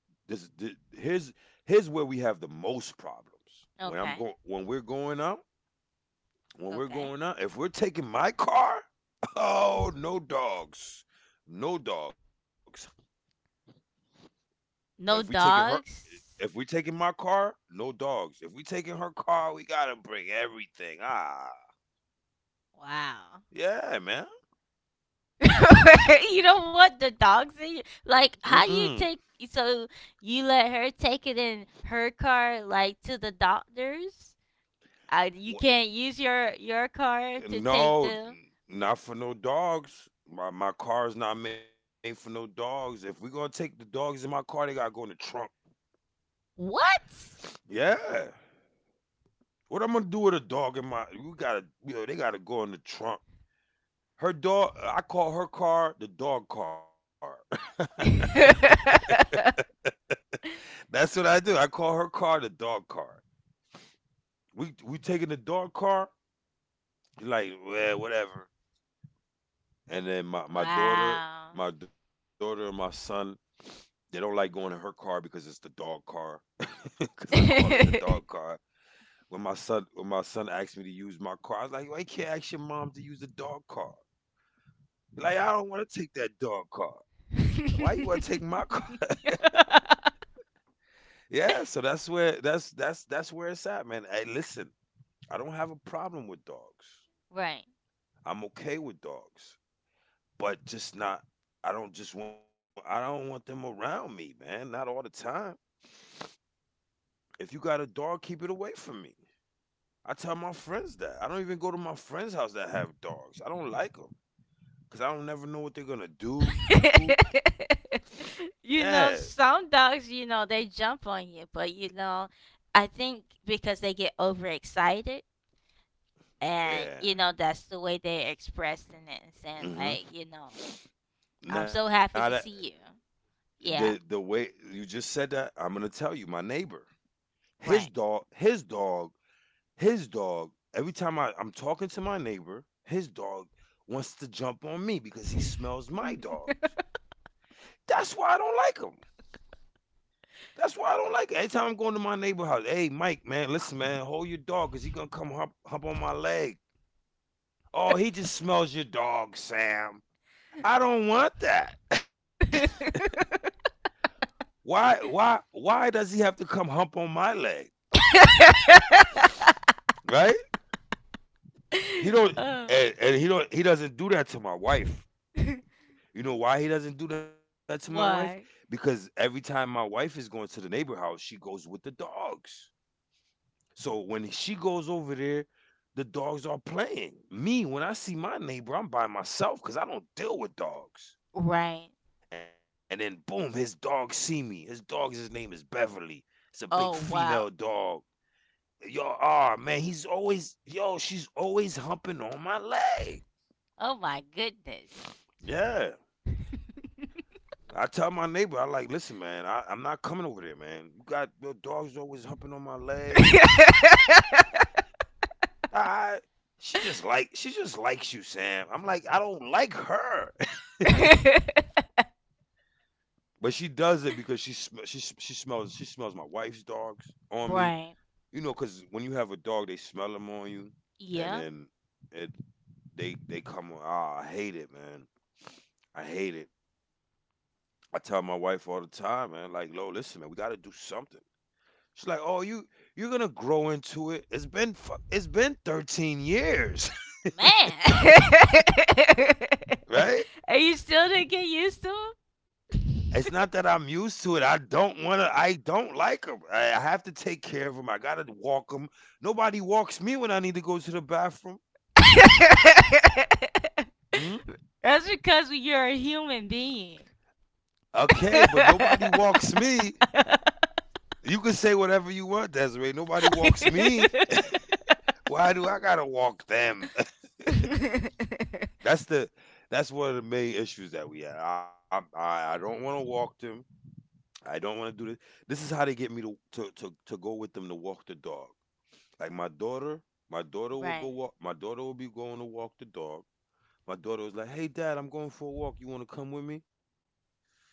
[SPEAKER 2] this, this here's here's where we have the most problems. When I'm
[SPEAKER 1] Okay.
[SPEAKER 2] going when we're going out when we're
[SPEAKER 1] Okay.
[SPEAKER 2] going
[SPEAKER 1] <laughs>
[SPEAKER 2] out, if we're taking my car, <laughs> oh no dogs, no dogs. But if we
[SPEAKER 1] No
[SPEAKER 2] taking her, if
[SPEAKER 1] dogs.
[SPEAKER 2] we taking my car, no dogs. If we taking her car, we gotta bring everything. Ah,
[SPEAKER 1] Wow.
[SPEAKER 2] yeah, man.
[SPEAKER 1] <laughs> You don't want the dogs in you. Like,
[SPEAKER 2] Mm-mm.
[SPEAKER 1] how you take. So you let her take it in her car, like to the doctors? Uh, you can't use your your car
[SPEAKER 2] Wh-
[SPEAKER 1] to take
[SPEAKER 2] No,
[SPEAKER 1] them.
[SPEAKER 2] not for no dogs. My my car is not made for no dogs. If we gonna take the dogs in my car, they gotta go in the trunk.
[SPEAKER 1] What?
[SPEAKER 2] Yeah. What I'm gonna do with a dog in my? You gotta, you know, they gotta go in the trunk. Her dog I call her car the dog car. <laughs>
[SPEAKER 1] <laughs>
[SPEAKER 2] That's what I do. I call her car the dog car. We we taking the dog car. She's like, well, whatever. And then my, my daughter,
[SPEAKER 1] Wow.
[SPEAKER 2] my daughter and my son, they don't like going in her car because it's the dog car. <laughs> Cause I call it the dog
[SPEAKER 1] <laughs>
[SPEAKER 2] car. When my son when my son asked me to use my car, I was like, why you can't ask your mom to use the dog car? Like, I don't want to take that dog car. Why you wanna take my car? <laughs> Yeah, so that's where that's that's that's where it's at, man. Hey, listen, I don't have a problem with dogs.
[SPEAKER 1] Right.
[SPEAKER 2] I'm okay with dogs, but just not. I don't just want. I don't want them around me, man. Not all the time. If you got a dog, keep it away from me. I tell my friends that. I don't even go to my friends' house that have dogs. I don't like them because I don't never know what they're gonna do.
[SPEAKER 1] <laughs>
[SPEAKER 2] Yeah,
[SPEAKER 1] You know, some dogs, you know, they jump on you, but you know, I think because they get overexcited and
[SPEAKER 2] yeah.
[SPEAKER 1] you know, that's the way they're expressing it and saying
[SPEAKER 2] Hmm.
[SPEAKER 1] like, you know, I'm
[SPEAKER 2] Now
[SPEAKER 1] so
[SPEAKER 2] that
[SPEAKER 1] happy to see you.
[SPEAKER 2] the the
[SPEAKER 1] Yeah,
[SPEAKER 2] way you just said that, I'm gonna tell you. My neighbor, his
[SPEAKER 1] right.
[SPEAKER 2] dog, his dog his dog. Every time I, I'm talking to my neighbor, his dog wants to jump on me because he smells my dogs.
[SPEAKER 1] <laughs>
[SPEAKER 2] That's why I don't like him. That's why I don't like it. Every time I'm going to my neighbor house, hey, Mike, man, listen, man, hold your dog because he going to come hop, hop on my leg. Oh, he just smells your dog, Sam. I don't want that. <laughs> Why, why, why does he have to come hump on my leg? Right? He don't,
[SPEAKER 1] Uh,
[SPEAKER 2] and, and he don't, he doesn't do that to my wife.
[SPEAKER 1] <laughs>
[SPEAKER 2] You know why he doesn't do that to my wife?
[SPEAKER 1] why?
[SPEAKER 2] Because every time my wife is going to the neighbor house, she goes with the dogs. So when she goes over there, the dogs are playing. Me, when I see my neighbor, I'm by myself because I don't deal with dogs.
[SPEAKER 1] Right.
[SPEAKER 2] And then boom, his dogs see me. His dog's, his name is Beverly. It's a big
[SPEAKER 1] Oh
[SPEAKER 2] female
[SPEAKER 1] wow.
[SPEAKER 2] dog. Yo, ah man, he's always, yo, she's always humping on my leg.
[SPEAKER 1] Oh my goodness.
[SPEAKER 2] Yeah. I tell my neighbor, I like, listen, man, I, I'm not coming over there, man. You got your dog's always humping on my leg.
[SPEAKER 1] <laughs>
[SPEAKER 2] I, she just like, she just likes you, Sam. I'm like, I don't like her, <laughs> but she does it because she sm- she s- she smells she smells my wife's dogs on me.
[SPEAKER 1] Right.
[SPEAKER 2] You know, because when you have a dog, they smell them on you, and
[SPEAKER 1] Yeah.
[SPEAKER 2] then it they they come. on- Ah, I hate it, man. I hate it. I tell my wife all the time, man. Like, Lo, listen, man, we got to do something. She's like, oh, you you're gonna grow into it. It's been fu- it's been thirteen years, <laughs>
[SPEAKER 1] Man.
[SPEAKER 2] right?
[SPEAKER 1] <laughs> And you still didn't get used to
[SPEAKER 2] It's not that I'm used to it. I don't want to. I don't like them. I have to take care of them. I gotta walk them. Nobody walks me when I need to go to the bathroom.
[SPEAKER 1] him?
[SPEAKER 2] Hmm?
[SPEAKER 1] <laughs> That's because you're a human being. <laughs>
[SPEAKER 2] Okay, but nobody walks me. You can say whatever you want, Desiree. Nobody walks
[SPEAKER 1] <laughs>
[SPEAKER 2] me. <laughs> Why do I gotta walk them? <laughs> that's the that's one of the main issues that we had. I I, I don't want to walk them. I don't want to do this. This is how they get me to, to to to go with them to walk the dog. Like my daughter, my daughter will go
[SPEAKER 1] right.
[SPEAKER 2] walk. My daughter will be going to walk the dog. My daughter was like, hey, Dad, I'm going for a walk. You want to come with me?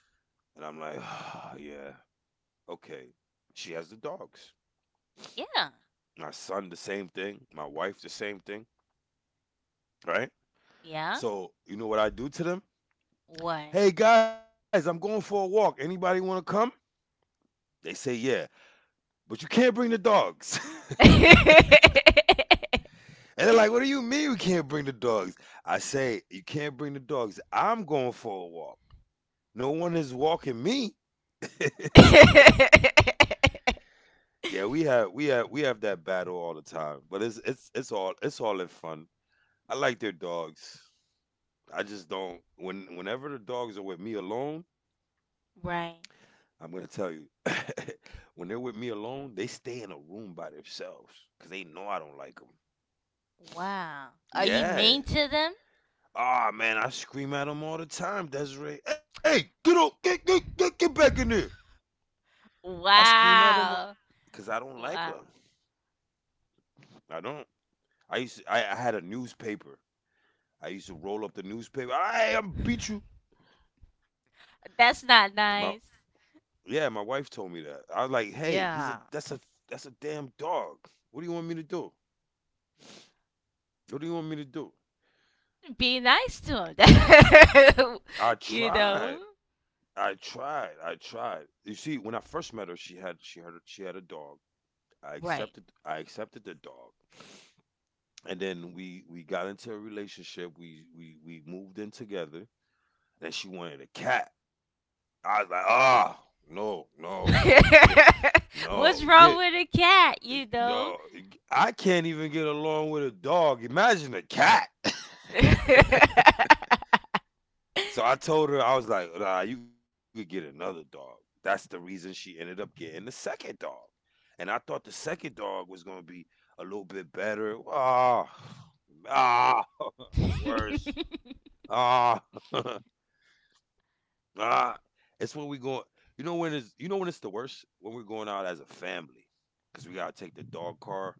[SPEAKER 2] And I'm like, ah, yeah, okay. She has the dogs.
[SPEAKER 1] Yeah.
[SPEAKER 2] My son, the same thing. My wife, the same thing. Right.
[SPEAKER 1] Yeah.
[SPEAKER 2] So you know what I do to them?
[SPEAKER 1] What?
[SPEAKER 2] Hey guys, I'm going for a walk. Anybody want to come? They say yeah, but you can't bring the dogs. <laughs>
[SPEAKER 1] <laughs>
[SPEAKER 2] And they're like, what do you mean we can't bring the dogs? I say, you can't bring the dogs. I'm going for a walk. No one is walking me. <laughs> So yeah, we have we have we have that battle all the time, but it's it's it's all it's all in fun. I like their dogs. I just don't when whenever the dogs are with me alone,
[SPEAKER 1] Right.
[SPEAKER 2] I'm gonna tell you. <laughs> When they're with me alone, they stay in a room by themselves because they know I don't like them.
[SPEAKER 1] Wow. Are you mean
[SPEAKER 2] Yeah.
[SPEAKER 1] to them?
[SPEAKER 2] Ah, man, I scream at him all the time, Desiree. Hey, get up, get get get, get back in there. I scream at him
[SPEAKER 1] Wow.
[SPEAKER 2] because I don't
[SPEAKER 1] Wow.
[SPEAKER 2] like her. I don't. I used to, I, I had a newspaper. I used to roll up the newspaper. Hey, I'm beat you.
[SPEAKER 1] That's
[SPEAKER 2] My
[SPEAKER 1] not nice.
[SPEAKER 2] yeah, my wife told me that. I was like, hey, he's a that's
[SPEAKER 1] Yeah.
[SPEAKER 2] a that's a damn dog. What do you want me to do? What do you want me to do?
[SPEAKER 1] Be nice to them.
[SPEAKER 2] I
[SPEAKER 1] <laughs> You know?
[SPEAKER 2] tried. I tried. I tried. You see, when I first met her, she had she had she had a dog. I
[SPEAKER 1] Right.
[SPEAKER 2] accepted I accepted the dog. And then we we got into a relationship. We we we moved in together. Then she wanted a cat. I was like, ah, oh, no, no, no, you could get it.
[SPEAKER 1] <laughs> What's
[SPEAKER 2] No,
[SPEAKER 1] wrong
[SPEAKER 2] get
[SPEAKER 1] with a cat, you know?
[SPEAKER 2] no. I can't even get along with a dog. Imagine a cat. <laughs> So I told her, I was like, nah, you could get another dog. That's the reason she ended up getting the second dog. And I thought the second dog was gonna be a little bit better. Ah, <sighs> ah, <laughs> the worst. Ah, <laughs> ah, it's when we go. You know when it's. You know when it's the worst when we're going out as a family because we gotta take the dog car.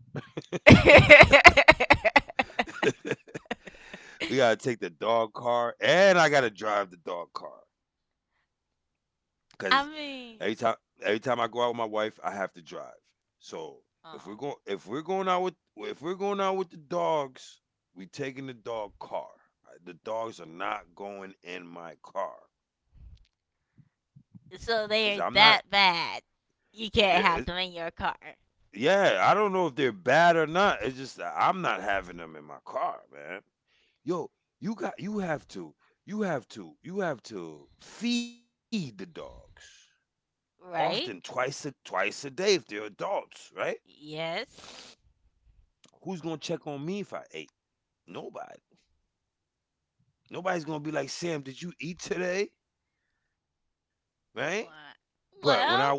[SPEAKER 2] We
[SPEAKER 1] <laughs>
[SPEAKER 2] gotta take the dog car, and I gotta drive the dog car because
[SPEAKER 1] I
[SPEAKER 2] every time
[SPEAKER 1] mean,
[SPEAKER 2] every time I go out with my wife, I have to drive. So if we're
[SPEAKER 1] um,
[SPEAKER 2] going if we're going out with if we're going out with the dogs, we taking the dog car. The dogs are not going in my car because I'm
[SPEAKER 1] so
[SPEAKER 2] not.
[SPEAKER 1] they're that bad. You can't
[SPEAKER 2] There.
[SPEAKER 1] have them in your car,
[SPEAKER 2] Yeah, I don't know if they're bad or not. It's just that I'm not having them in my car, man. Yo, you got you have to you have to you have to feed the dogs often,
[SPEAKER 1] right?
[SPEAKER 2] twice a twice a day if they're adults, right?
[SPEAKER 1] Yes.
[SPEAKER 2] Who's gonna check on me if I ate? Nobody. Nobody's gonna be like, Sam, did you eat today? Right?
[SPEAKER 1] What?
[SPEAKER 2] But when I walk home,
[SPEAKER 1] Well,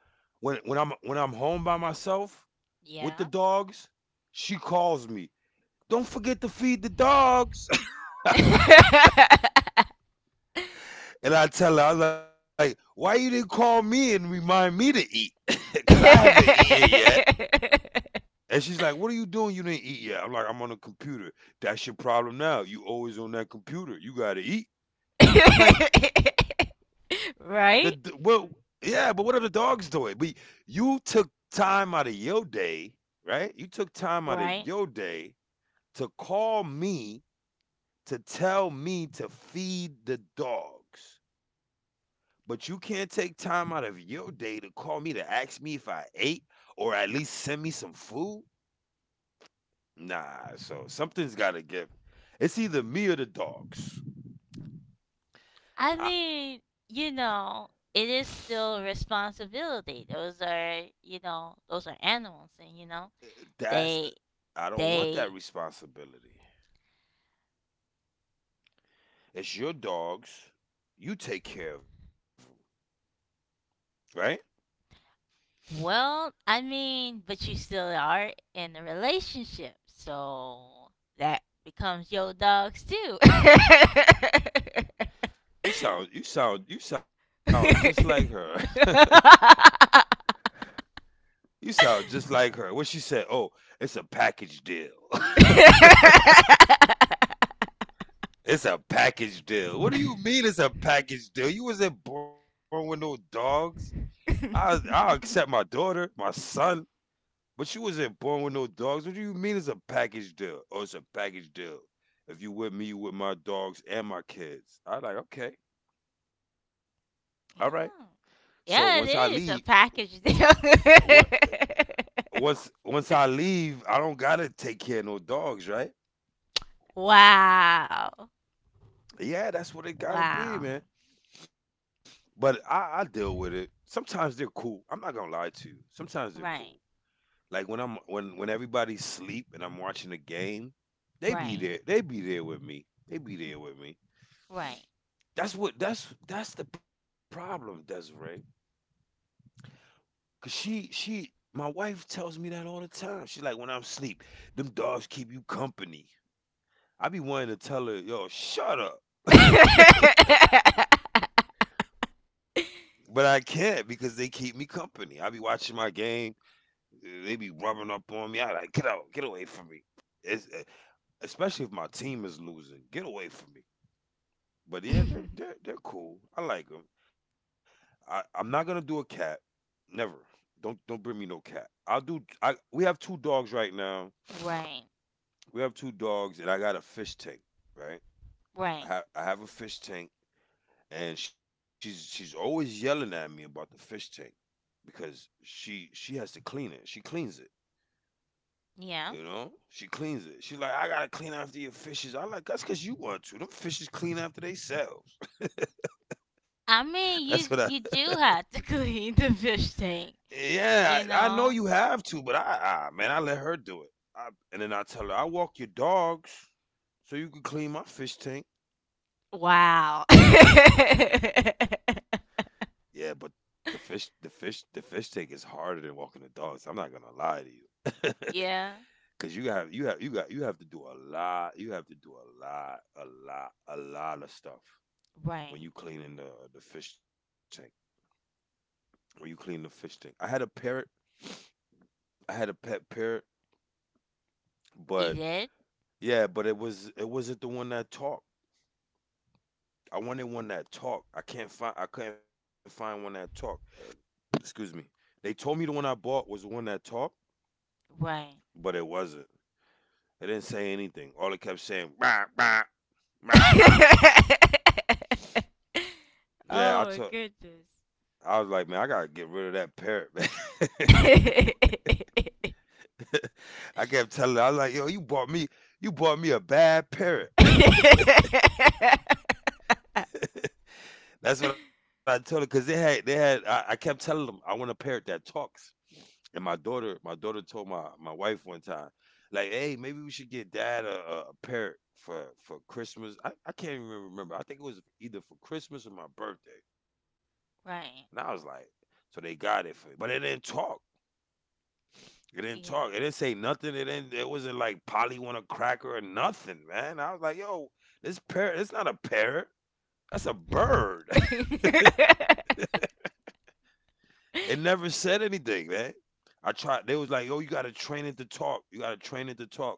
[SPEAKER 2] when when I'm when I'm home by myself with the
[SPEAKER 1] yeah.
[SPEAKER 2] dogs, she calls me. Don't forget to feed the dogs.
[SPEAKER 1] <laughs>
[SPEAKER 2] And I tell her, I was like, why you didn't call me and remind me to eat? <laughs> Because I haven't eaten yet. And she's like, what are you doing? You didn't eat yet. I'm like, I'm on a computer. That's your problem now. You always on that computer. You got to eat. I'm like, the, d well,
[SPEAKER 1] Right?
[SPEAKER 2] yeah, but what are the dogs doing? But you took time out of your day, right? You took time out of
[SPEAKER 1] Right?
[SPEAKER 2] your day to call me to tell me to feed the dogs. But you can't take time out of your day to call me to ask me if I ate or at least send me some food? Nah, so something's gotta give. It's either me or the dogs.
[SPEAKER 1] I
[SPEAKER 2] I
[SPEAKER 1] mean, you know, it is still responsibility. Those are, you know, those are animals and you know,
[SPEAKER 2] that's the,
[SPEAKER 1] they
[SPEAKER 2] I don't want that
[SPEAKER 1] they
[SPEAKER 2] responsibility. It's your dogs. You take care of them, right?
[SPEAKER 1] well, I mean, but you still are in a relationship, so that becomes your dogs too. <laughs>
[SPEAKER 2] You sound you sound you sound just like
[SPEAKER 1] Yeah.
[SPEAKER 2] her. <laughs> You sound just like her. What she said, "Oh, it's a package deal." <laughs> It's a package deal. What do you mean it's a package deal? You wasn't born with no dogs. I I accept my daughter, my son, but you wasn't born with no dogs. What do you mean it's a package deal? Oh, it's a package deal. If you with me, you with my dogs and my kids. I like, okay, all right. So once I
[SPEAKER 1] Yeah, it
[SPEAKER 2] leave,
[SPEAKER 1] is a package deal.
[SPEAKER 2] uh, what uh,
[SPEAKER 1] <laughs>
[SPEAKER 2] once once I leave, I don't gotta take care of no dogs, right?
[SPEAKER 1] Wow.
[SPEAKER 2] Yeah, that's what it gotta
[SPEAKER 1] Wow.
[SPEAKER 2] be, man. But I, I deal with it. Sometimes they're cool. I'm not gonna lie to you. Sometimes
[SPEAKER 1] Right.
[SPEAKER 2] they're cool. Like when I'm when when everybody's sleep and I'm watching a game,
[SPEAKER 1] Right.
[SPEAKER 2] they be there. They be there with me. They be there with me.
[SPEAKER 1] Right.
[SPEAKER 2] That's what that's that's the problem, Desiree. Cause she she my wife tells me that all the time. She's like, when I'm sleep, them dogs keep you company. I be wanting to tell her, yo, shut up.
[SPEAKER 1] <laughs>
[SPEAKER 2] But I can't because they keep me company. I be watching my game. They be rubbing up on me. I like, get out, get away from me. It's, eh, especially if my team is losing, get away from me. But yeah, they're they're they're cool. I like them. I I'm not gonna do a cat. Never. Don't don't bring me no cat. I'll do. I we have two dogs right now.
[SPEAKER 1] Right.
[SPEAKER 2] We have two dogs, and I got a fish tank. Right.
[SPEAKER 1] Right.
[SPEAKER 2] I have I have a fish tank, and she's she's always yelling at me about the fish tank because she she has to clean it. She cleans it.
[SPEAKER 1] Yeah.
[SPEAKER 2] You know, she cleans it. She's like, I gotta clean after your fishes. I like, that's because you want to. Them fishes clean after themselves. <laughs>
[SPEAKER 1] I
[SPEAKER 2] That's what
[SPEAKER 1] mean, you
[SPEAKER 2] I. <laughs>
[SPEAKER 1] you do have to <laughs> clean the fish tank.
[SPEAKER 2] Yeah,
[SPEAKER 1] You
[SPEAKER 2] I, I know you
[SPEAKER 1] know.
[SPEAKER 2] have to, but I, I, man, I let her do it. I, and then I tell her, I walk your dogs, so you can clean my fish tank.
[SPEAKER 1] Wow. <laughs>
[SPEAKER 2] Yeah, but the fish, the fish, the fish tank is harder than walking the dogs. I'm not gonna lie to you, <laughs>
[SPEAKER 1] Yeah.
[SPEAKER 2] because you have, you have, you got, you have to do a lot. You have to do a lot, a lot, a lot of stuff
[SPEAKER 1] Right.
[SPEAKER 2] when you cleaning the the fish tank. Were you clean the fish tank? I had a parrot. I had a pet parrot,
[SPEAKER 1] You
[SPEAKER 2] but
[SPEAKER 1] did.
[SPEAKER 2] yeah, but it was it wasn't the one that talked. I wanted one that talked. I can't find I couldn't find one that talked. Excuse me. They told me the one I bought was the one that talked,
[SPEAKER 1] Right.
[SPEAKER 2] but it wasn't. It didn't say anything. All it kept saying, bah, bah, bah, bah.
[SPEAKER 1] <laughs>
[SPEAKER 2] Yeah, I
[SPEAKER 1] Oh my
[SPEAKER 2] took.
[SPEAKER 1] goodness.
[SPEAKER 2] I was like, man, I gotta get rid of that parrot, man. <laughs>
[SPEAKER 1] <laughs>
[SPEAKER 2] I kept telling her, I was like, yo, you bought me, you bought me a bad parrot. That's what I told her because they had they had I, I kept telling them I want a parrot that talks. And my daughter, my daughter told my my wife one time, like, hey, maybe we should get dad a, a a parrot for for Christmas. I, I can't even remember. I think it was either for Christmas or my birthday. And I was
[SPEAKER 1] Right.
[SPEAKER 2] like, so they got it for me. But it didn't talk. It didn't talk. It
[SPEAKER 1] Yeah.
[SPEAKER 2] didn't say nothing. It didn't it wasn't like Polly want a cracker or nothing, man. I was like, yo, this parrot, it's not a parrot. That's a bird. <laughs>
[SPEAKER 1] <laughs>
[SPEAKER 2] It never said anything, man. I tried. They was like, "Yo, you gotta train it to talk. You gotta train it to talk."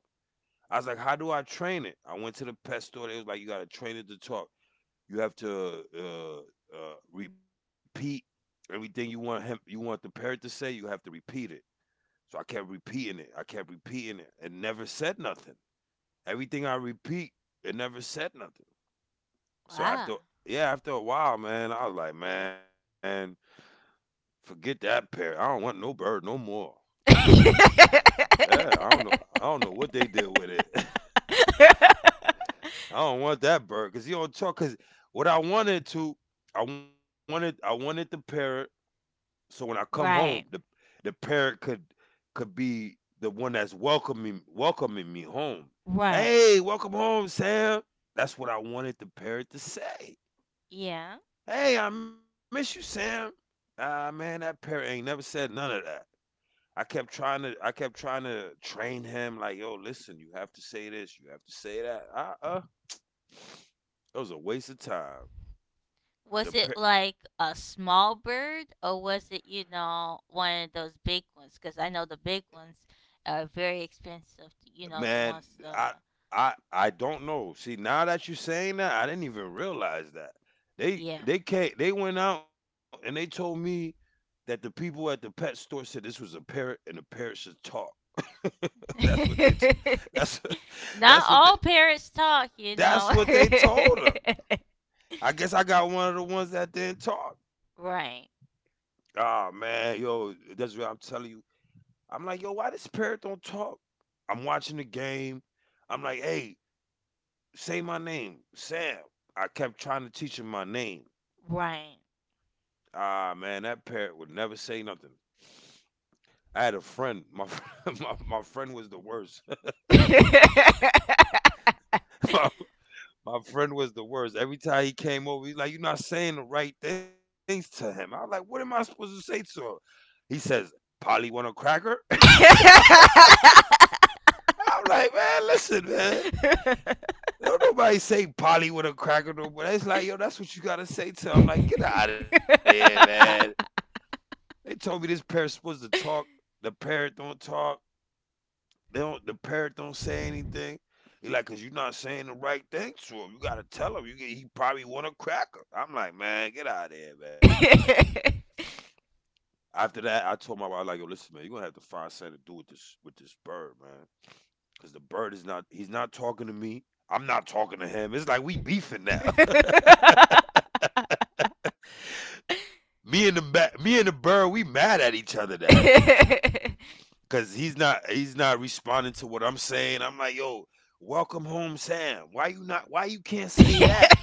[SPEAKER 2] I was like, "How do I train it?" I went to the pet store. They was like, "You gotta train it to talk. You have to uh, uh, repeat everything you want him. You want the parrot to say. You have to repeat it." So I kept repeating it. I kept repeating it. It never said nothing. Everything I repeat, it never said nothing. So
[SPEAKER 1] Wow.
[SPEAKER 2] after yeah, after a while, man, I was like, man, forget that parrot. I don't want no bird no more.
[SPEAKER 1] <laughs>
[SPEAKER 2] Yeah, I don't know. I don't know what they did with it. <laughs> I don't want that bird because you don't talk. Because what I wanted to, I wanted, I wanted the parrot. So when I come home, the
[SPEAKER 1] Right.
[SPEAKER 2] the parrot could could be the one that's welcoming welcoming me home.
[SPEAKER 1] Right.
[SPEAKER 2] Hey, welcome home, Sam. That's what I wanted the parrot to say.
[SPEAKER 1] Yeah.
[SPEAKER 2] Hey, I miss you, Sam. Ah, man, that parrot ain't never said none of that. I kept trying to I kept trying to train him, like, yo, listen, you have to say this, you have to say that, uh uh it was a waste of time. the
[SPEAKER 1] Was it
[SPEAKER 2] pa-
[SPEAKER 1] like a small bird or was it, you know, one of those big ones? Because I know the big ones are very expensive. You know, the
[SPEAKER 2] Man,
[SPEAKER 1] ones,
[SPEAKER 2] I
[SPEAKER 1] uh,
[SPEAKER 2] I I don't know. See, now that you're saying that, I didn't even realize that. They
[SPEAKER 1] yeah.
[SPEAKER 2] they came, they went out, and they told me that the people at the pet store said this was a parrot and the parrot should talk. <laughs> that's what they t- that's
[SPEAKER 1] <laughs>
[SPEAKER 2] <laughs> that's
[SPEAKER 1] Not
[SPEAKER 2] what they
[SPEAKER 1] all parents talk, you know.
[SPEAKER 2] that's what they told him.
[SPEAKER 1] <laughs>
[SPEAKER 2] I guess I got one of the ones that didn't talk.
[SPEAKER 1] Right.
[SPEAKER 2] Oh man, yo, Desiree, I'm telling you, I'm like, yo, why this parrot don't talk? I'm watching the game. I'm like, hey, say my name, Sam. I kept trying to teach him my name.
[SPEAKER 1] Right.
[SPEAKER 2] Ah man, that parrot would never say nothing. I had a friend. My <laughs> my, my friend was the worst.
[SPEAKER 1] <laughs>
[SPEAKER 2] <laughs> my, my friend was the worst. Every time he came over, he's like, "You're not saying the right things to him." I'm like, "What am I supposed to say to him?" He says, "Polly want a cracker." <laughs> I'm like, "Man, listen, man. Don't nobody say Polly with a cracker no more. It's like, yo, that's what you gotta say to him. I'm like, get out of here, man. They told me this parrot's supposed to talk. The parrot don't talk. They don't the parrot don't say anything. He like, cause you're not saying the right thing to him. You gotta tell him. You get, he probably want a cracker. I'm like, man, get out of here, man. After that, I told my wife, I was like, yo, listen, man, you're gonna have to find something to do with this with this bird, man. Cause the bird is not he's not talking to me. I'm not talking to him. It's like we beefing now. <laughs> Me and the ba- me and the bird, we mad at each other now
[SPEAKER 1] <laughs>
[SPEAKER 2] because he's not he's not responding to what I'm saying. I'm like, yo, welcome home, Sam. Why you not? Why you can't say that?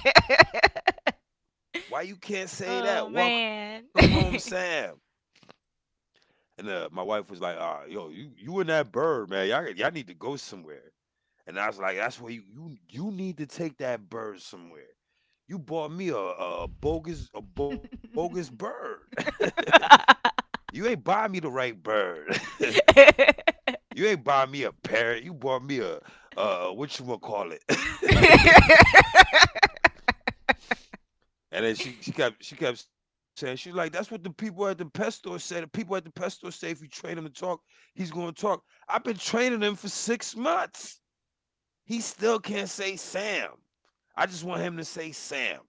[SPEAKER 2] Why you can't say
[SPEAKER 1] oh
[SPEAKER 2] that? Welcome home,
[SPEAKER 1] man.
[SPEAKER 2] Sam.
[SPEAKER 1] <laughs>
[SPEAKER 2] And uh, my wife was like, ah, yo, you you and that bird, man, y'all y'all need to go somewhere. And I was like, that's where you you you need to take that bird somewhere. You bought me a, a bogus
[SPEAKER 1] <laughs>
[SPEAKER 2] a bogus bird. <laughs> you ain't buy me the right bird. <laughs> You ain't buy me a parrot. You bought me a uh what you wanna call it. <laughs> and then she she kept she kept saying she's like that's what the people at the pet store say. The people at the pet store say if you train him to talk, he's gonna talk. I've been training him for six months. He still can't say Sam. I just want him to say Sam.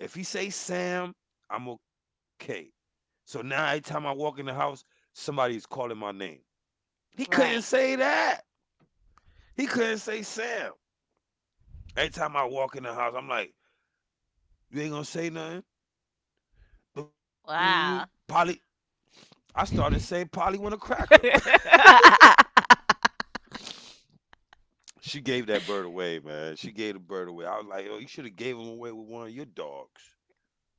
[SPEAKER 2] If he say Sam, I'm okay. So now every time I walk in the house, somebody is calling my name. He couldn't
[SPEAKER 1] Right.
[SPEAKER 2] say that. He couldn't say Sam. Every time I walk in the house, I'm like, you ain't gonna say nothing. Polly,
[SPEAKER 1] Wow.
[SPEAKER 2] I started saying Polly want a cracker. <laughs>
[SPEAKER 1] <laughs>
[SPEAKER 2] She gave that bird away, man. She gave the bird away. I was like, oh, you should have gave him away with one of your dogs.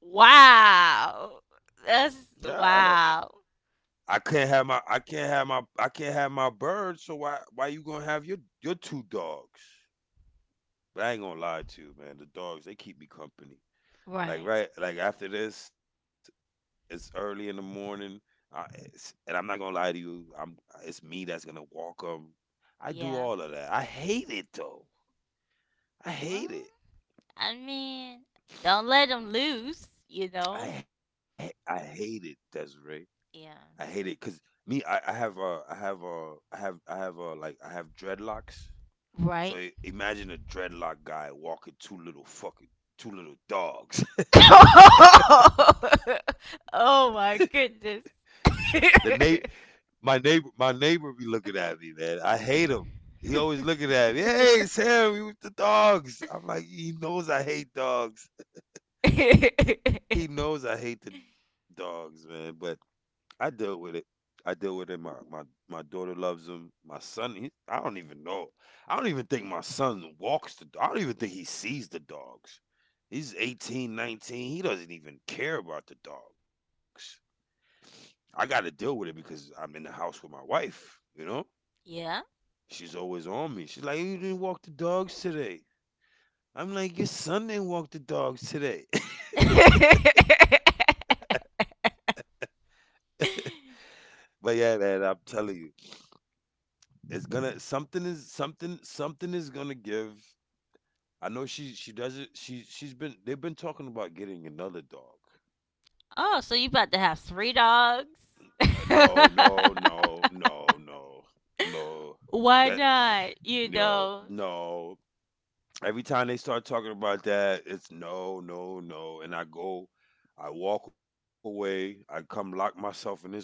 [SPEAKER 1] Wow. That's
[SPEAKER 2] Yeah, man.
[SPEAKER 1] wow.
[SPEAKER 2] I can't have my I can't have my I can't have my bird, so why why you gonna have your your two dogs? But I ain't gonna lie to you, man. The dogs, they keep me company. Like
[SPEAKER 1] Right.
[SPEAKER 2] right like after this, it's early in the morning, uh, it's, and I'm not gonna lie to you. I'm it's me that's gonna walk 'em. I do
[SPEAKER 1] Yeah.
[SPEAKER 2] all of that. I hate it though. I hate it.
[SPEAKER 1] Well, I mean, don't let them loose, you
[SPEAKER 2] I
[SPEAKER 1] know?
[SPEAKER 2] ha- I hate it, Desiree. I
[SPEAKER 1] Yeah.
[SPEAKER 2] hate it because me, I, I have uh, I have uh, I have I have uh, like I have dreadlocks. So
[SPEAKER 1] Right?
[SPEAKER 2] i- imagine a dreadlock guy walking two little fucking two little dogs. <laughs>
[SPEAKER 1] <laughs> Oh my goodness.
[SPEAKER 2] The neigh
[SPEAKER 1] <laughs>
[SPEAKER 2] My neighbor, my neighbor be looking at me, man. I hate him. He always looking at me. Hey, Sam, you with the dogs? I'm like, he knows I hate dogs. He knows I hate the dogs, man. But I deal with it. I deal with it. My my my daughter loves him. My son, he, I don't even know. I don't even think my son walks the. I don't even think he sees the dogs. He's eighteen, nineteen. He doesn't even care about the dogs. I got to deal with it because I'm in the house with my wife. You know.
[SPEAKER 1] Yeah.
[SPEAKER 2] She's always on me. She's like, "You didn't walk the dogs today." I'm like, "Your son didn't walk the dogs today." <laughs>
[SPEAKER 1] <laughs>
[SPEAKER 2] but yeah, man, I'm telling you, it's gonna something is something something is gonna give. I know she she doesn't she she's been they've been talking about getting another dog.
[SPEAKER 1] Oh, so you about to have three dogs?
[SPEAKER 2] Uh,
[SPEAKER 1] <laughs>
[SPEAKER 2] no, no, no, no, no, no.
[SPEAKER 1] Why
[SPEAKER 2] That
[SPEAKER 1] not? You
[SPEAKER 2] no,
[SPEAKER 1] know.
[SPEAKER 2] no. Every time they start talking about that, it's no, no, no. And I go, I walk away, I come lock myself in this room.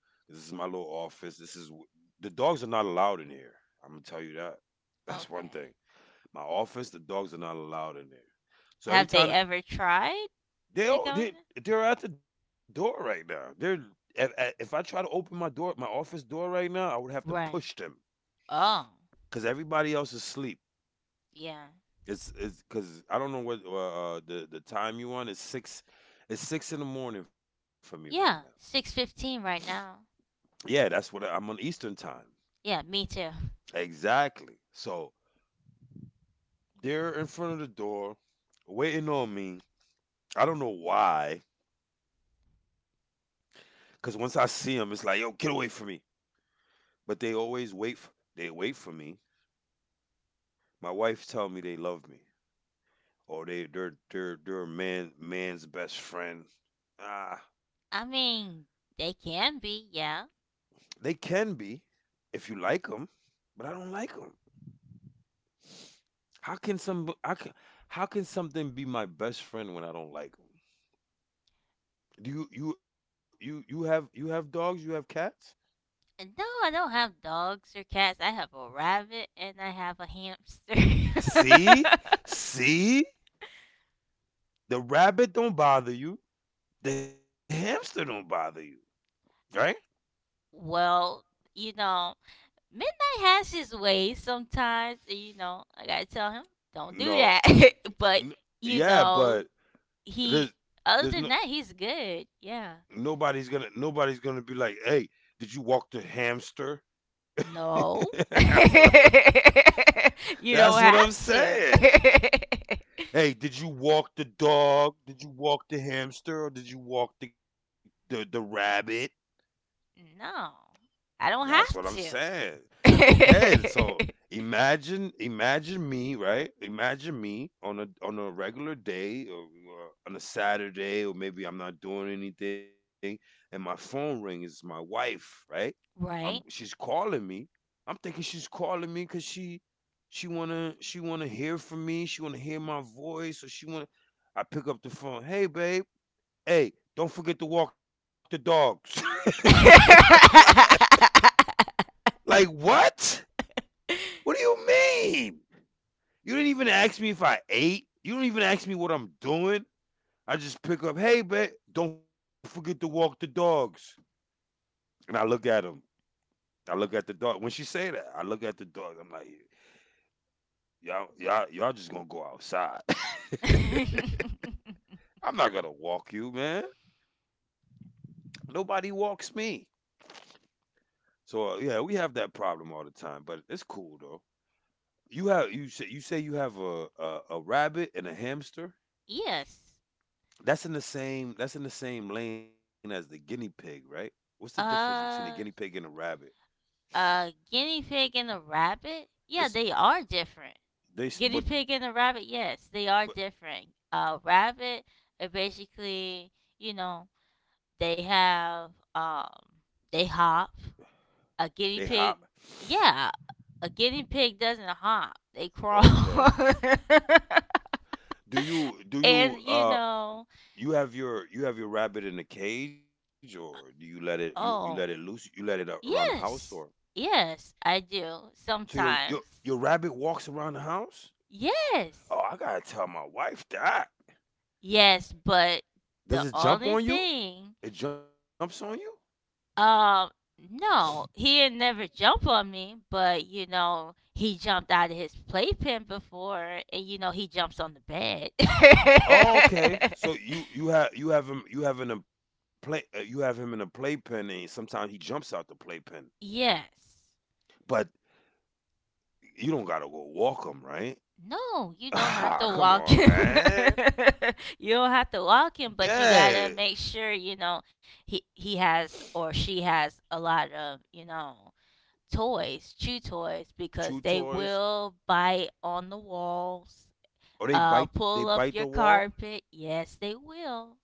[SPEAKER 2] This is my little office. This is wh- the dogs are not allowed in here. I'm gonna tell you that. <laughs> That's one
[SPEAKER 1] Okay.
[SPEAKER 2] thing. My office, the dogs are not allowed in there. So every
[SPEAKER 1] Have they
[SPEAKER 2] time
[SPEAKER 1] ever tried
[SPEAKER 2] they
[SPEAKER 1] to
[SPEAKER 2] all-
[SPEAKER 1] come
[SPEAKER 2] they
[SPEAKER 1] in?
[SPEAKER 2] they're at the door right now. They're if, if I try to open my door, my office door right now, I would have to
[SPEAKER 1] Right.
[SPEAKER 2] push them
[SPEAKER 1] Oh.
[SPEAKER 2] because everybody else is asleep.
[SPEAKER 1] Yeah.
[SPEAKER 2] It's it's because I don't know what uh, uh, the the time you on. It's six. It's six in the morning for me right now.
[SPEAKER 1] Yeah. Six fifteen right now.
[SPEAKER 2] Yeah, that's what I- I'm on Eastern time.
[SPEAKER 1] Yeah, me too.
[SPEAKER 2] Exactly. So they're in front of the door, waiting on me. I don't know why. Cause once I see them, it's like, yo, get away from me. But they always wait. F They wait for me. My wife tell me they love me, or they they're they're they're a man man's best friend. Ah,
[SPEAKER 1] I mean, they can be, yeah.
[SPEAKER 2] they can be if you like them, but I don't like them. How can some how can, how can something be my best friend when I don't like them? Do you you you you have you have dogs? You have cats?
[SPEAKER 1] And no, I don't have dogs or cats. I have a rabbit and I have a hamster.
[SPEAKER 2] See? See? The rabbit don't bother you. The hamster don't bother you, right?
[SPEAKER 1] <laughs> Well, you know, Midnight has his ways sometimes. And, you know, I gotta tell him, don't do
[SPEAKER 2] No.
[SPEAKER 1] that. <laughs> But,
[SPEAKER 2] N-
[SPEAKER 1] you
[SPEAKER 2] yeah,
[SPEAKER 1] know,
[SPEAKER 2] but
[SPEAKER 1] he,
[SPEAKER 2] there's
[SPEAKER 1] other
[SPEAKER 2] there's
[SPEAKER 1] than
[SPEAKER 2] no
[SPEAKER 1] that, he's good. Yeah.
[SPEAKER 2] nobody's going to nobody's going to be like, "Hey, did you walk the hamster?"
[SPEAKER 1] No.
[SPEAKER 2] <laughs> that's what
[SPEAKER 1] <laughs>
[SPEAKER 2] I,
[SPEAKER 1] You
[SPEAKER 2] that's
[SPEAKER 1] don't
[SPEAKER 2] what I'm
[SPEAKER 1] have to.
[SPEAKER 2] saying.
[SPEAKER 1] <laughs>
[SPEAKER 2] Hey, did you walk the dog? Did you walk the hamster or did you walk the the, the rabbit?
[SPEAKER 1] No, I don't
[SPEAKER 2] That's what
[SPEAKER 1] have
[SPEAKER 2] I'm saying. Okay, so
[SPEAKER 1] to. <laughs>
[SPEAKER 2] imagine imagine me, right? Imagine me on a on a regular day or uh, on a Saturday or maybe I'm not doing anything and my phone ring is my wife, right? I'm
[SPEAKER 1] Right?
[SPEAKER 2] She's calling me. I'm thinking she's calling me cuz she she want to she want to hear from me. She want to hear my voice or she want to I pick up the phone. Hey, babe. Hey, don't forget to walk the dogs.
[SPEAKER 1] <laughs>
[SPEAKER 2] <laughs> like, like, what? What do you mean? You didn't even ask me if I ate. You don't even ask me what I'm doing. I just pick up, hey, babe, don't forget to walk the dogs. And I look at him. I look at the dog. When she say that, I look at the dog. I'm like, y'all, y'all, y'all just gonna go outside. <laughs> I'm not gonna walk you, man. Nobody walks me. So uh, yeah, we have that problem all the time, but it's cool though. You have you say you say you have a, a a rabbit and a hamster.
[SPEAKER 1] Yes.
[SPEAKER 2] That's in the same that's in the same lane as the guinea pig, right? What's the difference between the guinea
[SPEAKER 1] Uh,
[SPEAKER 2] pig and a rabbit?
[SPEAKER 1] a guinea pig and a rabbit? Yeah,
[SPEAKER 2] It's
[SPEAKER 1] they are different.
[SPEAKER 2] they s-
[SPEAKER 1] Guinea
[SPEAKER 2] but
[SPEAKER 1] pig and a rabbit, yes, they are
[SPEAKER 2] but
[SPEAKER 1] different. A rabbit, uh, basically, you know, they have, um, they hop, a
[SPEAKER 2] They
[SPEAKER 1] guinea
[SPEAKER 2] hop.
[SPEAKER 1] pig, yeah, a guinea pig doesn't hop, they crawl. <laughs>
[SPEAKER 2] Okay. Do you do
[SPEAKER 1] And
[SPEAKER 2] you
[SPEAKER 1] you
[SPEAKER 2] uh
[SPEAKER 1] know,
[SPEAKER 2] you have your you have your rabbit in a cage or do you let it you, you let it loose?
[SPEAKER 1] oh,
[SPEAKER 2] You let it a- around the house or
[SPEAKER 1] yes, yes, I do
[SPEAKER 2] so your your
[SPEAKER 1] sometimes.
[SPEAKER 2] your rabbit walks around the house?
[SPEAKER 1] Yes,
[SPEAKER 2] Oh, I gotta tell my wife that.
[SPEAKER 1] yes, but the
[SPEAKER 2] Does it jump
[SPEAKER 1] only
[SPEAKER 2] on you?
[SPEAKER 1] thing,
[SPEAKER 2] It jumps on you?
[SPEAKER 1] um, no, he had never jumped on me, but you know, he jumped out of his playpen before, and you know, he jumps on the bed.
[SPEAKER 2] Oh, okay. So you you have you have him you have in a play uh, you have him in a playpen and sometimes he jumps out the playpen.
[SPEAKER 1] <laughs> Yes.
[SPEAKER 2] But you don't gotta go walk him, right?
[SPEAKER 1] No, you
[SPEAKER 2] <laughs>
[SPEAKER 1] don't have
[SPEAKER 2] Ah,
[SPEAKER 1] to
[SPEAKER 2] come
[SPEAKER 1] walk
[SPEAKER 2] on,
[SPEAKER 1] him.
[SPEAKER 2] man.
[SPEAKER 1] <laughs> You don't have to walk him, but you gotta
[SPEAKER 2] Yeah.
[SPEAKER 1] make sure you know he he has or she has a lot of you know toys, chew toys, because
[SPEAKER 2] Chew
[SPEAKER 1] they
[SPEAKER 2] toys.
[SPEAKER 1] will bite on the walls,
[SPEAKER 2] Or they
[SPEAKER 1] uh,
[SPEAKER 2] bite they
[SPEAKER 1] pull up
[SPEAKER 2] bite the
[SPEAKER 1] your
[SPEAKER 2] wall.
[SPEAKER 1] carpet. Yes, they will.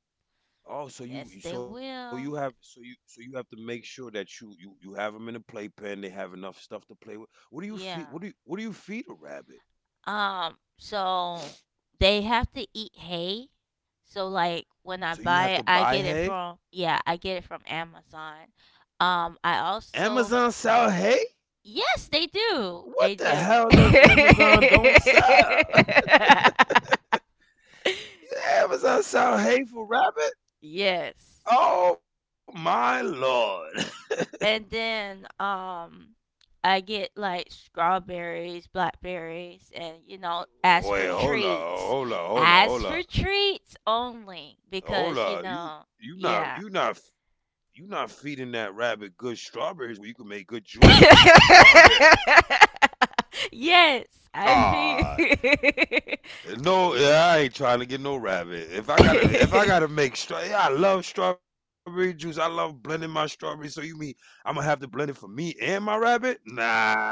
[SPEAKER 2] Oh, so
[SPEAKER 1] Yes,
[SPEAKER 2] you
[SPEAKER 1] they
[SPEAKER 2] so you have so
[SPEAKER 1] will.
[SPEAKER 2] you so you have to make sure that you you you have them in a playpen. They have enough stuff to play with. What do you feed?
[SPEAKER 1] Yeah.
[SPEAKER 2] What do you what do you feed a rabbit?
[SPEAKER 1] Um, so they have to eat hay. So like when I
[SPEAKER 2] So you
[SPEAKER 1] buy
[SPEAKER 2] have
[SPEAKER 1] it,
[SPEAKER 2] to
[SPEAKER 1] I
[SPEAKER 2] buy
[SPEAKER 1] get it
[SPEAKER 2] hay.
[SPEAKER 1] from yeah, I get it from Amazon. Um, I also
[SPEAKER 2] Amazon
[SPEAKER 1] f-
[SPEAKER 2] sell hay.
[SPEAKER 1] yes, they do. They
[SPEAKER 2] What the
[SPEAKER 1] do.
[SPEAKER 2] hell does Amazon don't sell? <laughs>
[SPEAKER 1] <laughs>
[SPEAKER 2] Amazon sell hateful rabbit?
[SPEAKER 1] Yes.
[SPEAKER 2] Oh my lord! <laughs>
[SPEAKER 1] And then um I get like strawberries, blackberries, and you know, as for
[SPEAKER 2] Wait, hold up,
[SPEAKER 1] treats,
[SPEAKER 2] hold up, hold up,
[SPEAKER 1] as
[SPEAKER 2] hold
[SPEAKER 1] for
[SPEAKER 2] up,
[SPEAKER 1] treats only,
[SPEAKER 2] hold
[SPEAKER 1] because you
[SPEAKER 2] up. You
[SPEAKER 1] know,
[SPEAKER 2] you not
[SPEAKER 1] yeah.
[SPEAKER 2] you not you not feeding that rabbit good strawberries where you can make good juice with
[SPEAKER 1] <laughs>
[SPEAKER 2] that strawberry.
[SPEAKER 1] Yes, I mean,
[SPEAKER 2] Ah, no, I ain't trying to get no rabbit. If I gotta, if I gotta
[SPEAKER 1] <laughs>
[SPEAKER 2] make straw, yeah, I love strawberry juice. I love blending my strawberries. So you mean I'm gonna have to blend it for me and my rabbit? Nah,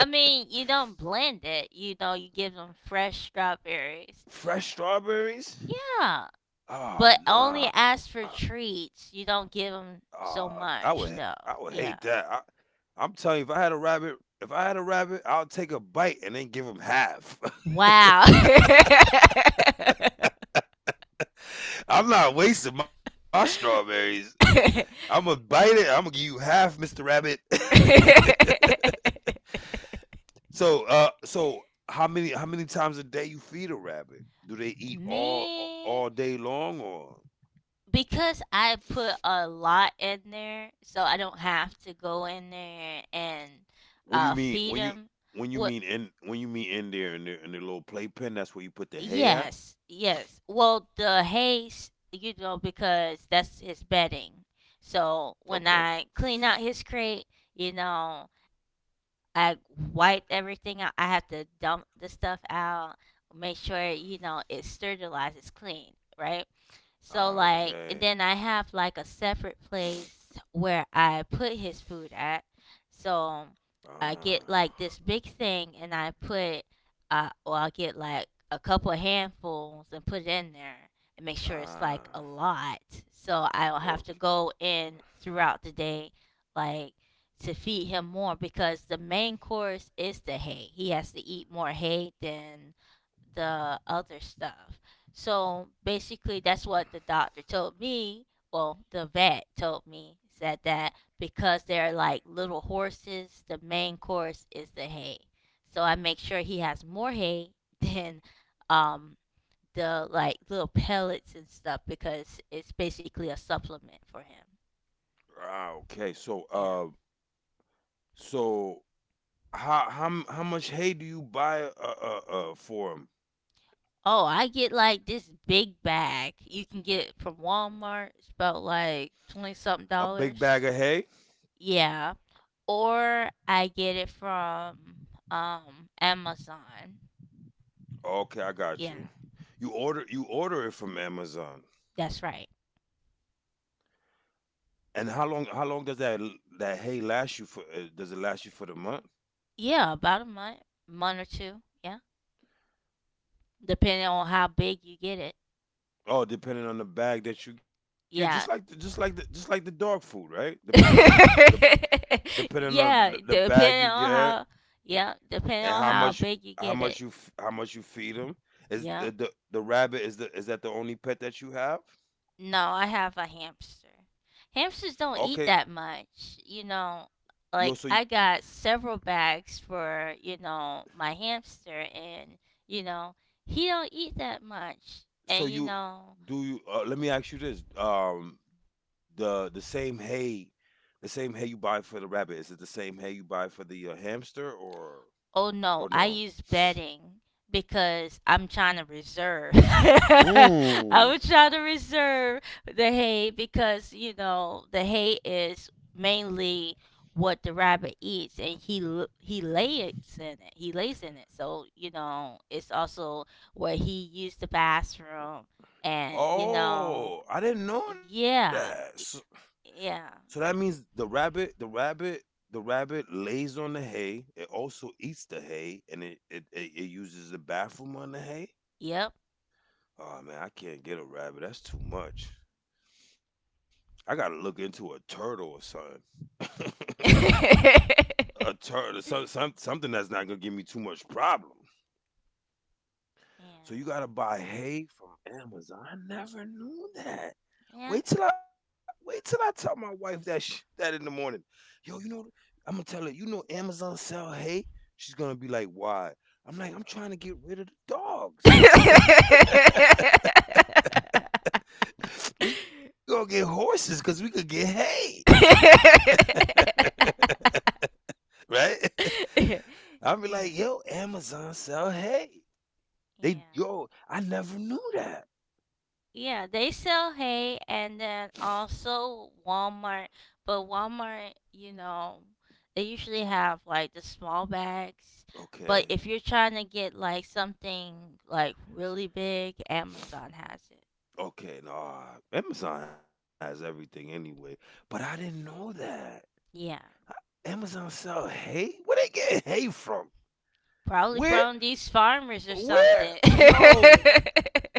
[SPEAKER 1] I mean, you don't blend it. You know, you give them fresh strawberries.
[SPEAKER 2] fresh strawberries?
[SPEAKER 1] Yeah,
[SPEAKER 2] Ah,
[SPEAKER 1] but only
[SPEAKER 2] nah.
[SPEAKER 1] ask for treats. You don't give them
[SPEAKER 2] Ah,
[SPEAKER 1] so
[SPEAKER 2] I would
[SPEAKER 1] much,
[SPEAKER 2] I would
[SPEAKER 1] though.
[SPEAKER 2] hate
[SPEAKER 1] Yeah.
[SPEAKER 2] that. I, I'm telling you, if I had a rabbit, if I had a rabbit, I'll take a bite and then give him half.
[SPEAKER 1] Wow. <laughs>
[SPEAKER 2] <laughs> I'm not wasting my strawberries. I'm gonna bite it. I'm gonna give you half, Mister Rabbit. <laughs> so, uh, so how many how many times a day you feed a rabbit? Do they eat all
[SPEAKER 1] Me,
[SPEAKER 2] all day long or?
[SPEAKER 1] because I put a lot in there, so I don't have to go in there and
[SPEAKER 2] What do you
[SPEAKER 1] uh,
[SPEAKER 2] mean
[SPEAKER 1] feed
[SPEAKER 2] when you
[SPEAKER 1] them.
[SPEAKER 2] when you
[SPEAKER 1] What?
[SPEAKER 2] mean in when you mean in there in the in the little playpen? That's where you put the hay at.
[SPEAKER 1] Yes, yes. Well, the haze, you know, because that's his bedding.
[SPEAKER 2] Okay.
[SPEAKER 1] So when I clean out his crate, you know, I wipe everything out. I have to dump the stuff out, make sure you know it's sterilized, it's clean, right? So
[SPEAKER 2] Ah.
[SPEAKER 1] like, and
[SPEAKER 2] Okay.
[SPEAKER 1] then I have like a separate place where I put his food at. So I get
[SPEAKER 2] Ah.
[SPEAKER 1] like this big thing, and I put, uh, well, I get like a couple of handfuls and put it in there and make sure it's like
[SPEAKER 2] Ah.
[SPEAKER 1] a lot. So
[SPEAKER 2] Okay.
[SPEAKER 1] I'll have to go in throughout the day, like to feed him more because the main course is the hay. He has to eat more hay than the other stuff. So basically, that's what the doctor told me. Well, the vet told me said that because they're like little horses, the main course is the hay. So I make sure he has more hay <laughs> than um, the like little pellets and stuff because it's basically a supplement for him.
[SPEAKER 2] Ah. Okay. So.
[SPEAKER 1] Yeah.
[SPEAKER 2] Uh. So. How how m- how much hay do you buy uh, uh, uh for him?
[SPEAKER 1] Oh, I get like this big bag. You can get it from Walmart. It's about like
[SPEAKER 2] A
[SPEAKER 1] twenty
[SPEAKER 2] big
[SPEAKER 1] something
[SPEAKER 2] bag of hay?
[SPEAKER 1] dollars. Yeah. Or I get it from um Amazon.
[SPEAKER 2] Okay, I got
[SPEAKER 1] Yeah.
[SPEAKER 2] you. You order you order it from Amazon.
[SPEAKER 1] That's right.
[SPEAKER 2] And how long how long does that that hay last you for? Uh, does it last you for the month?
[SPEAKER 1] Yeah, about a month month or two. Yeah. Depending on how big you get it.
[SPEAKER 2] Oh, depending on the bag that you get, just like the, just
[SPEAKER 1] Yeah.
[SPEAKER 2] like the, just like the dog food, right? Depending on the, the
[SPEAKER 1] <laughs>
[SPEAKER 2] depending on
[SPEAKER 1] Yeah.
[SPEAKER 2] the bag
[SPEAKER 1] Depending
[SPEAKER 2] you
[SPEAKER 1] on
[SPEAKER 2] get,
[SPEAKER 1] how yeah, depending
[SPEAKER 2] and
[SPEAKER 1] on
[SPEAKER 2] how
[SPEAKER 1] how
[SPEAKER 2] much
[SPEAKER 1] big you
[SPEAKER 2] how
[SPEAKER 1] get it.
[SPEAKER 2] much you f- how much you feed them. Is
[SPEAKER 1] Yeah.
[SPEAKER 2] the, the the rabbit, is the is that the only pet that you have?
[SPEAKER 1] No, I have a hamster. Hamsters
[SPEAKER 2] Okay,
[SPEAKER 1] don't eat that much. You know,
[SPEAKER 2] you
[SPEAKER 1] like
[SPEAKER 2] also
[SPEAKER 1] I got several bags for, you know, my hamster and, you know, he don't eat that much.
[SPEAKER 2] so
[SPEAKER 1] And you
[SPEAKER 2] you
[SPEAKER 1] know,
[SPEAKER 2] do you uh, let me ask you this. um the the same hay, the same hay you buy for the rabbit, is it the same hay you buy for the uh, hamster or
[SPEAKER 1] oh no,
[SPEAKER 2] or
[SPEAKER 1] I
[SPEAKER 2] no?
[SPEAKER 1] use bedding because I'm trying to reserve. <laughs> I
[SPEAKER 2] Mm.
[SPEAKER 1] was trying to reserve the hay because you know the hay is mainly what the rabbit eats, and he l- he lays in it. He lays in it, so you know it's also where he used the bathroom, and you know,
[SPEAKER 2] Oh, I didn't know that.
[SPEAKER 1] yeah,
[SPEAKER 2] So, so
[SPEAKER 1] yeah,
[SPEAKER 2] that means the rabbit, the rabbit, the rabbit lays on the hay. It also eats the hay, and it it, it, it uses the bathroom on the hay.
[SPEAKER 1] yep.
[SPEAKER 2] Oh man, I can't get a rabbit. That's too much. I gotta look into a turtle or something. <laughs> A
[SPEAKER 1] <laughs>
[SPEAKER 2] turtle, some, some, something that's not gonna give me too much problem. So you
[SPEAKER 1] Yeah.
[SPEAKER 2] gotta buy hay from Amazon. I never knew that.
[SPEAKER 1] Yeah.
[SPEAKER 2] Wait till I wait till I tell my wife that sh- that in the morning. Yo, you know, I'm gonna tell her. You know, Amazon sell hay. She's gonna be like, why? I'm like, I'm trying to get rid of the dogs. We gonna
[SPEAKER 1] yeah.
[SPEAKER 2] <laughs> we gonna get horses because we could get hay, <laughs> right?
[SPEAKER 1] Yeah.
[SPEAKER 2] I'll be like, yo, Amazon sell hay.
[SPEAKER 1] Yeah.
[SPEAKER 2] They yo, I never knew that.
[SPEAKER 1] Yeah, they sell hay and then also Walmart. But Walmart, you know, they usually have like the small bags. But
[SPEAKER 2] Okay,
[SPEAKER 1] if you're trying to get like something like really big, Amazon has it.
[SPEAKER 2] Okay, nah. Amazon has everything anyway. But I didn't know that.
[SPEAKER 1] Yeah.
[SPEAKER 2] Amazon sell hay? Where they get hay from?
[SPEAKER 1] Probably
[SPEAKER 2] Where
[SPEAKER 1] from these farmers or
[SPEAKER 2] where
[SPEAKER 1] something.
[SPEAKER 2] yo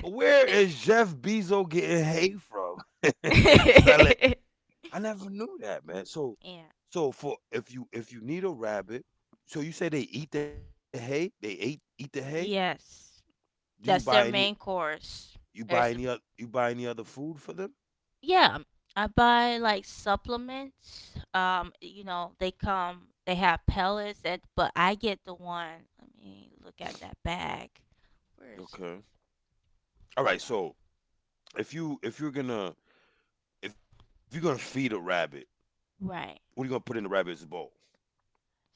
[SPEAKER 2] Where
[SPEAKER 1] <laughs>
[SPEAKER 2] is Jeff Bezos getting hay from? <laughs> And sell it.
[SPEAKER 1] <laughs>
[SPEAKER 2] I never knew that, man. So
[SPEAKER 1] Yeah.
[SPEAKER 2] so for if you if you need a rabbit, so you say they eat the hay? They ate eat the hay?
[SPEAKER 1] Yes,
[SPEAKER 2] Do you
[SPEAKER 1] that's
[SPEAKER 2] buy
[SPEAKER 1] their
[SPEAKER 2] any
[SPEAKER 1] main course.
[SPEAKER 2] you buy
[SPEAKER 1] There's the
[SPEAKER 2] any oth- you buy any other food for them?
[SPEAKER 1] yeah. I buy like supplements. Um, you know, they come. They have pellets. That, but I get the one. Let me look at that bag. Where is it?
[SPEAKER 2] Okay. All right,
[SPEAKER 1] Hold on.
[SPEAKER 2] so if you if you're gonna If you're gonna feed a rabbit, what are you
[SPEAKER 1] Right.
[SPEAKER 2] gonna put in the rabbit's bowl?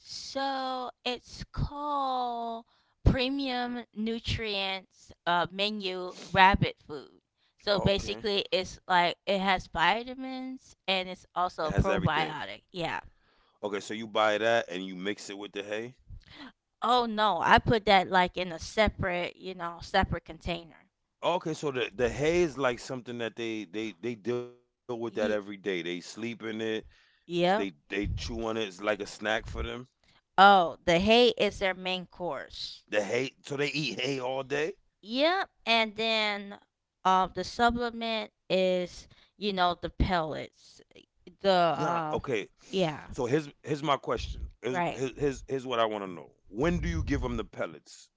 [SPEAKER 1] So it's called Premium Nutrients uh, Menu Rabbit Food. So
[SPEAKER 2] Okay,
[SPEAKER 1] basically, it's like it has vitamins and
[SPEAKER 2] it
[SPEAKER 1] it's
[SPEAKER 2] has
[SPEAKER 1] also a
[SPEAKER 2] everything.
[SPEAKER 1] probiotic. Yeah.
[SPEAKER 2] Okay, so you buy that and you mix it with the hay.
[SPEAKER 1] Oh no, I put that like in a separate, you know, separate container.
[SPEAKER 2] Okay, so the the hay is like something that they they they deal with that every day.
[SPEAKER 1] Ye-
[SPEAKER 2] They sleep in it. They
[SPEAKER 1] yep.
[SPEAKER 2] they chew on it. It's like a snack for them.
[SPEAKER 1] Oh, the hay is their main course.
[SPEAKER 2] The hay, so they eat hay all day.
[SPEAKER 1] Yep. And then uh, the supplement is, you know, the pellets.
[SPEAKER 2] Nah,
[SPEAKER 1] The,
[SPEAKER 2] okay.
[SPEAKER 1] uh,
[SPEAKER 2] So
[SPEAKER 1] yeah.
[SPEAKER 2] here's here's my question. Here's
[SPEAKER 1] Right.
[SPEAKER 2] here's here's what I want to know. When do you give them the pellets?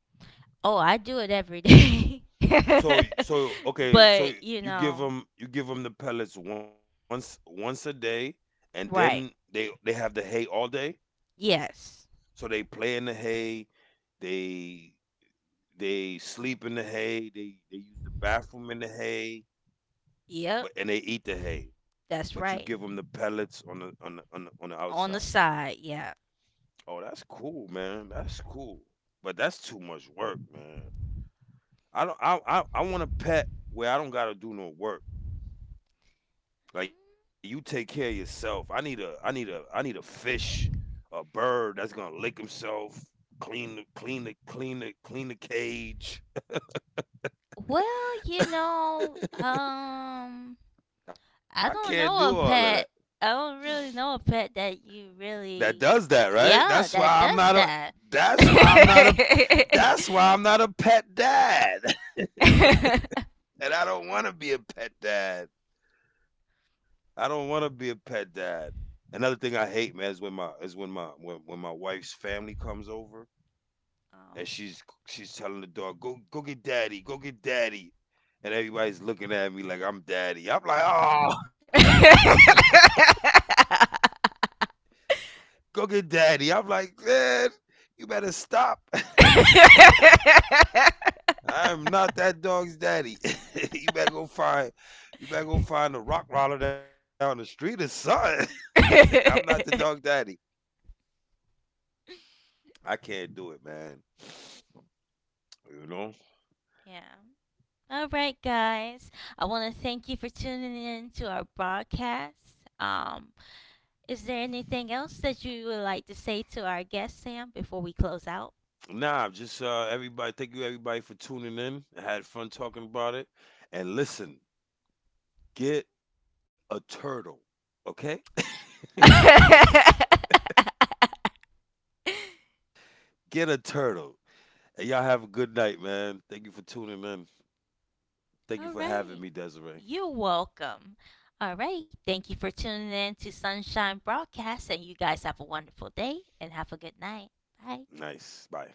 [SPEAKER 1] Oh, I do it every day.
[SPEAKER 2] So
[SPEAKER 1] <laughs>
[SPEAKER 2] so okay, so
[SPEAKER 1] But, you
[SPEAKER 2] you give
[SPEAKER 1] know,
[SPEAKER 2] them you give them the pellets once once a day, and then
[SPEAKER 1] right.
[SPEAKER 2] they they have the hay all day.
[SPEAKER 1] Yes.
[SPEAKER 2] So they play in the hay, they they sleep in the hay, they they use the bathroom in the hay,
[SPEAKER 1] Yep.
[SPEAKER 2] but and they eat the hay. But you give
[SPEAKER 1] That's
[SPEAKER 2] them the
[SPEAKER 1] right.
[SPEAKER 2] pellets on the on the on the, on the outside.
[SPEAKER 1] On the side, yeah.
[SPEAKER 2] Oh, that's cool, man. That's cool. But that's too much work, man. I don't I I, I want a pet where I don't gotta do no work. Like, you take care of yourself. I need a I need a I need a fish, a bird that's gonna lick himself, clean the clean the clean the clean the cage.
[SPEAKER 1] Well, you know, um
[SPEAKER 2] I can't
[SPEAKER 1] I
[SPEAKER 2] do
[SPEAKER 1] don't
[SPEAKER 2] all of
[SPEAKER 1] know a
[SPEAKER 2] that.
[SPEAKER 1] pet. I don't really know a pet that you
[SPEAKER 2] That
[SPEAKER 1] really
[SPEAKER 2] does that, right?
[SPEAKER 1] yeah,
[SPEAKER 2] That's why
[SPEAKER 1] that
[SPEAKER 2] I'm
[SPEAKER 1] does
[SPEAKER 2] not a
[SPEAKER 1] that.
[SPEAKER 2] that's why I'm not a That's why I'm not a pet dad. <laughs> And I don't wanna be a pet dad. I don't wanna be a pet dad. Another thing I hate, man, is when my is when my when, when my wife's family comes over
[SPEAKER 1] <laughs> um.
[SPEAKER 2] and she's she's telling the dog, "Go go get daddy, go get daddy," and everybody's looking at me like I'm daddy. I'm like, "Oh,
[SPEAKER 1] <laughs>
[SPEAKER 2] go get daddy." I'm like, "Man, you better stop.
[SPEAKER 1] <laughs> yeah.
[SPEAKER 2] <laughs> I'm not that dog's daddy. <laughs> You better go find, you better go find a rock roller down the street or something. <laughs> I'm not the dog daddy. I can't do it, man." You know,
[SPEAKER 1] All right, guys. I want to thank you for tuning in to our broadcast. Um, is there anything else that you would like to say to our guest, Sam, before we close out? <laughs>
[SPEAKER 2] nah. Just uh, everybody, thank you everybody for tuning in. I had fun talking about it. And listen, get a turtle, okay? <laughs> Get a turtle. And y'all have a good night, man. Thank you for tuning in. Thank you for
[SPEAKER 1] All
[SPEAKER 2] having me,
[SPEAKER 1] right.
[SPEAKER 2] Desiree.
[SPEAKER 1] You're welcome. All right. Thank you for tuning in to Sunshine Broadcast, and you guys have a wonderful day and have a good night. Bye.
[SPEAKER 2] Nice. Bye.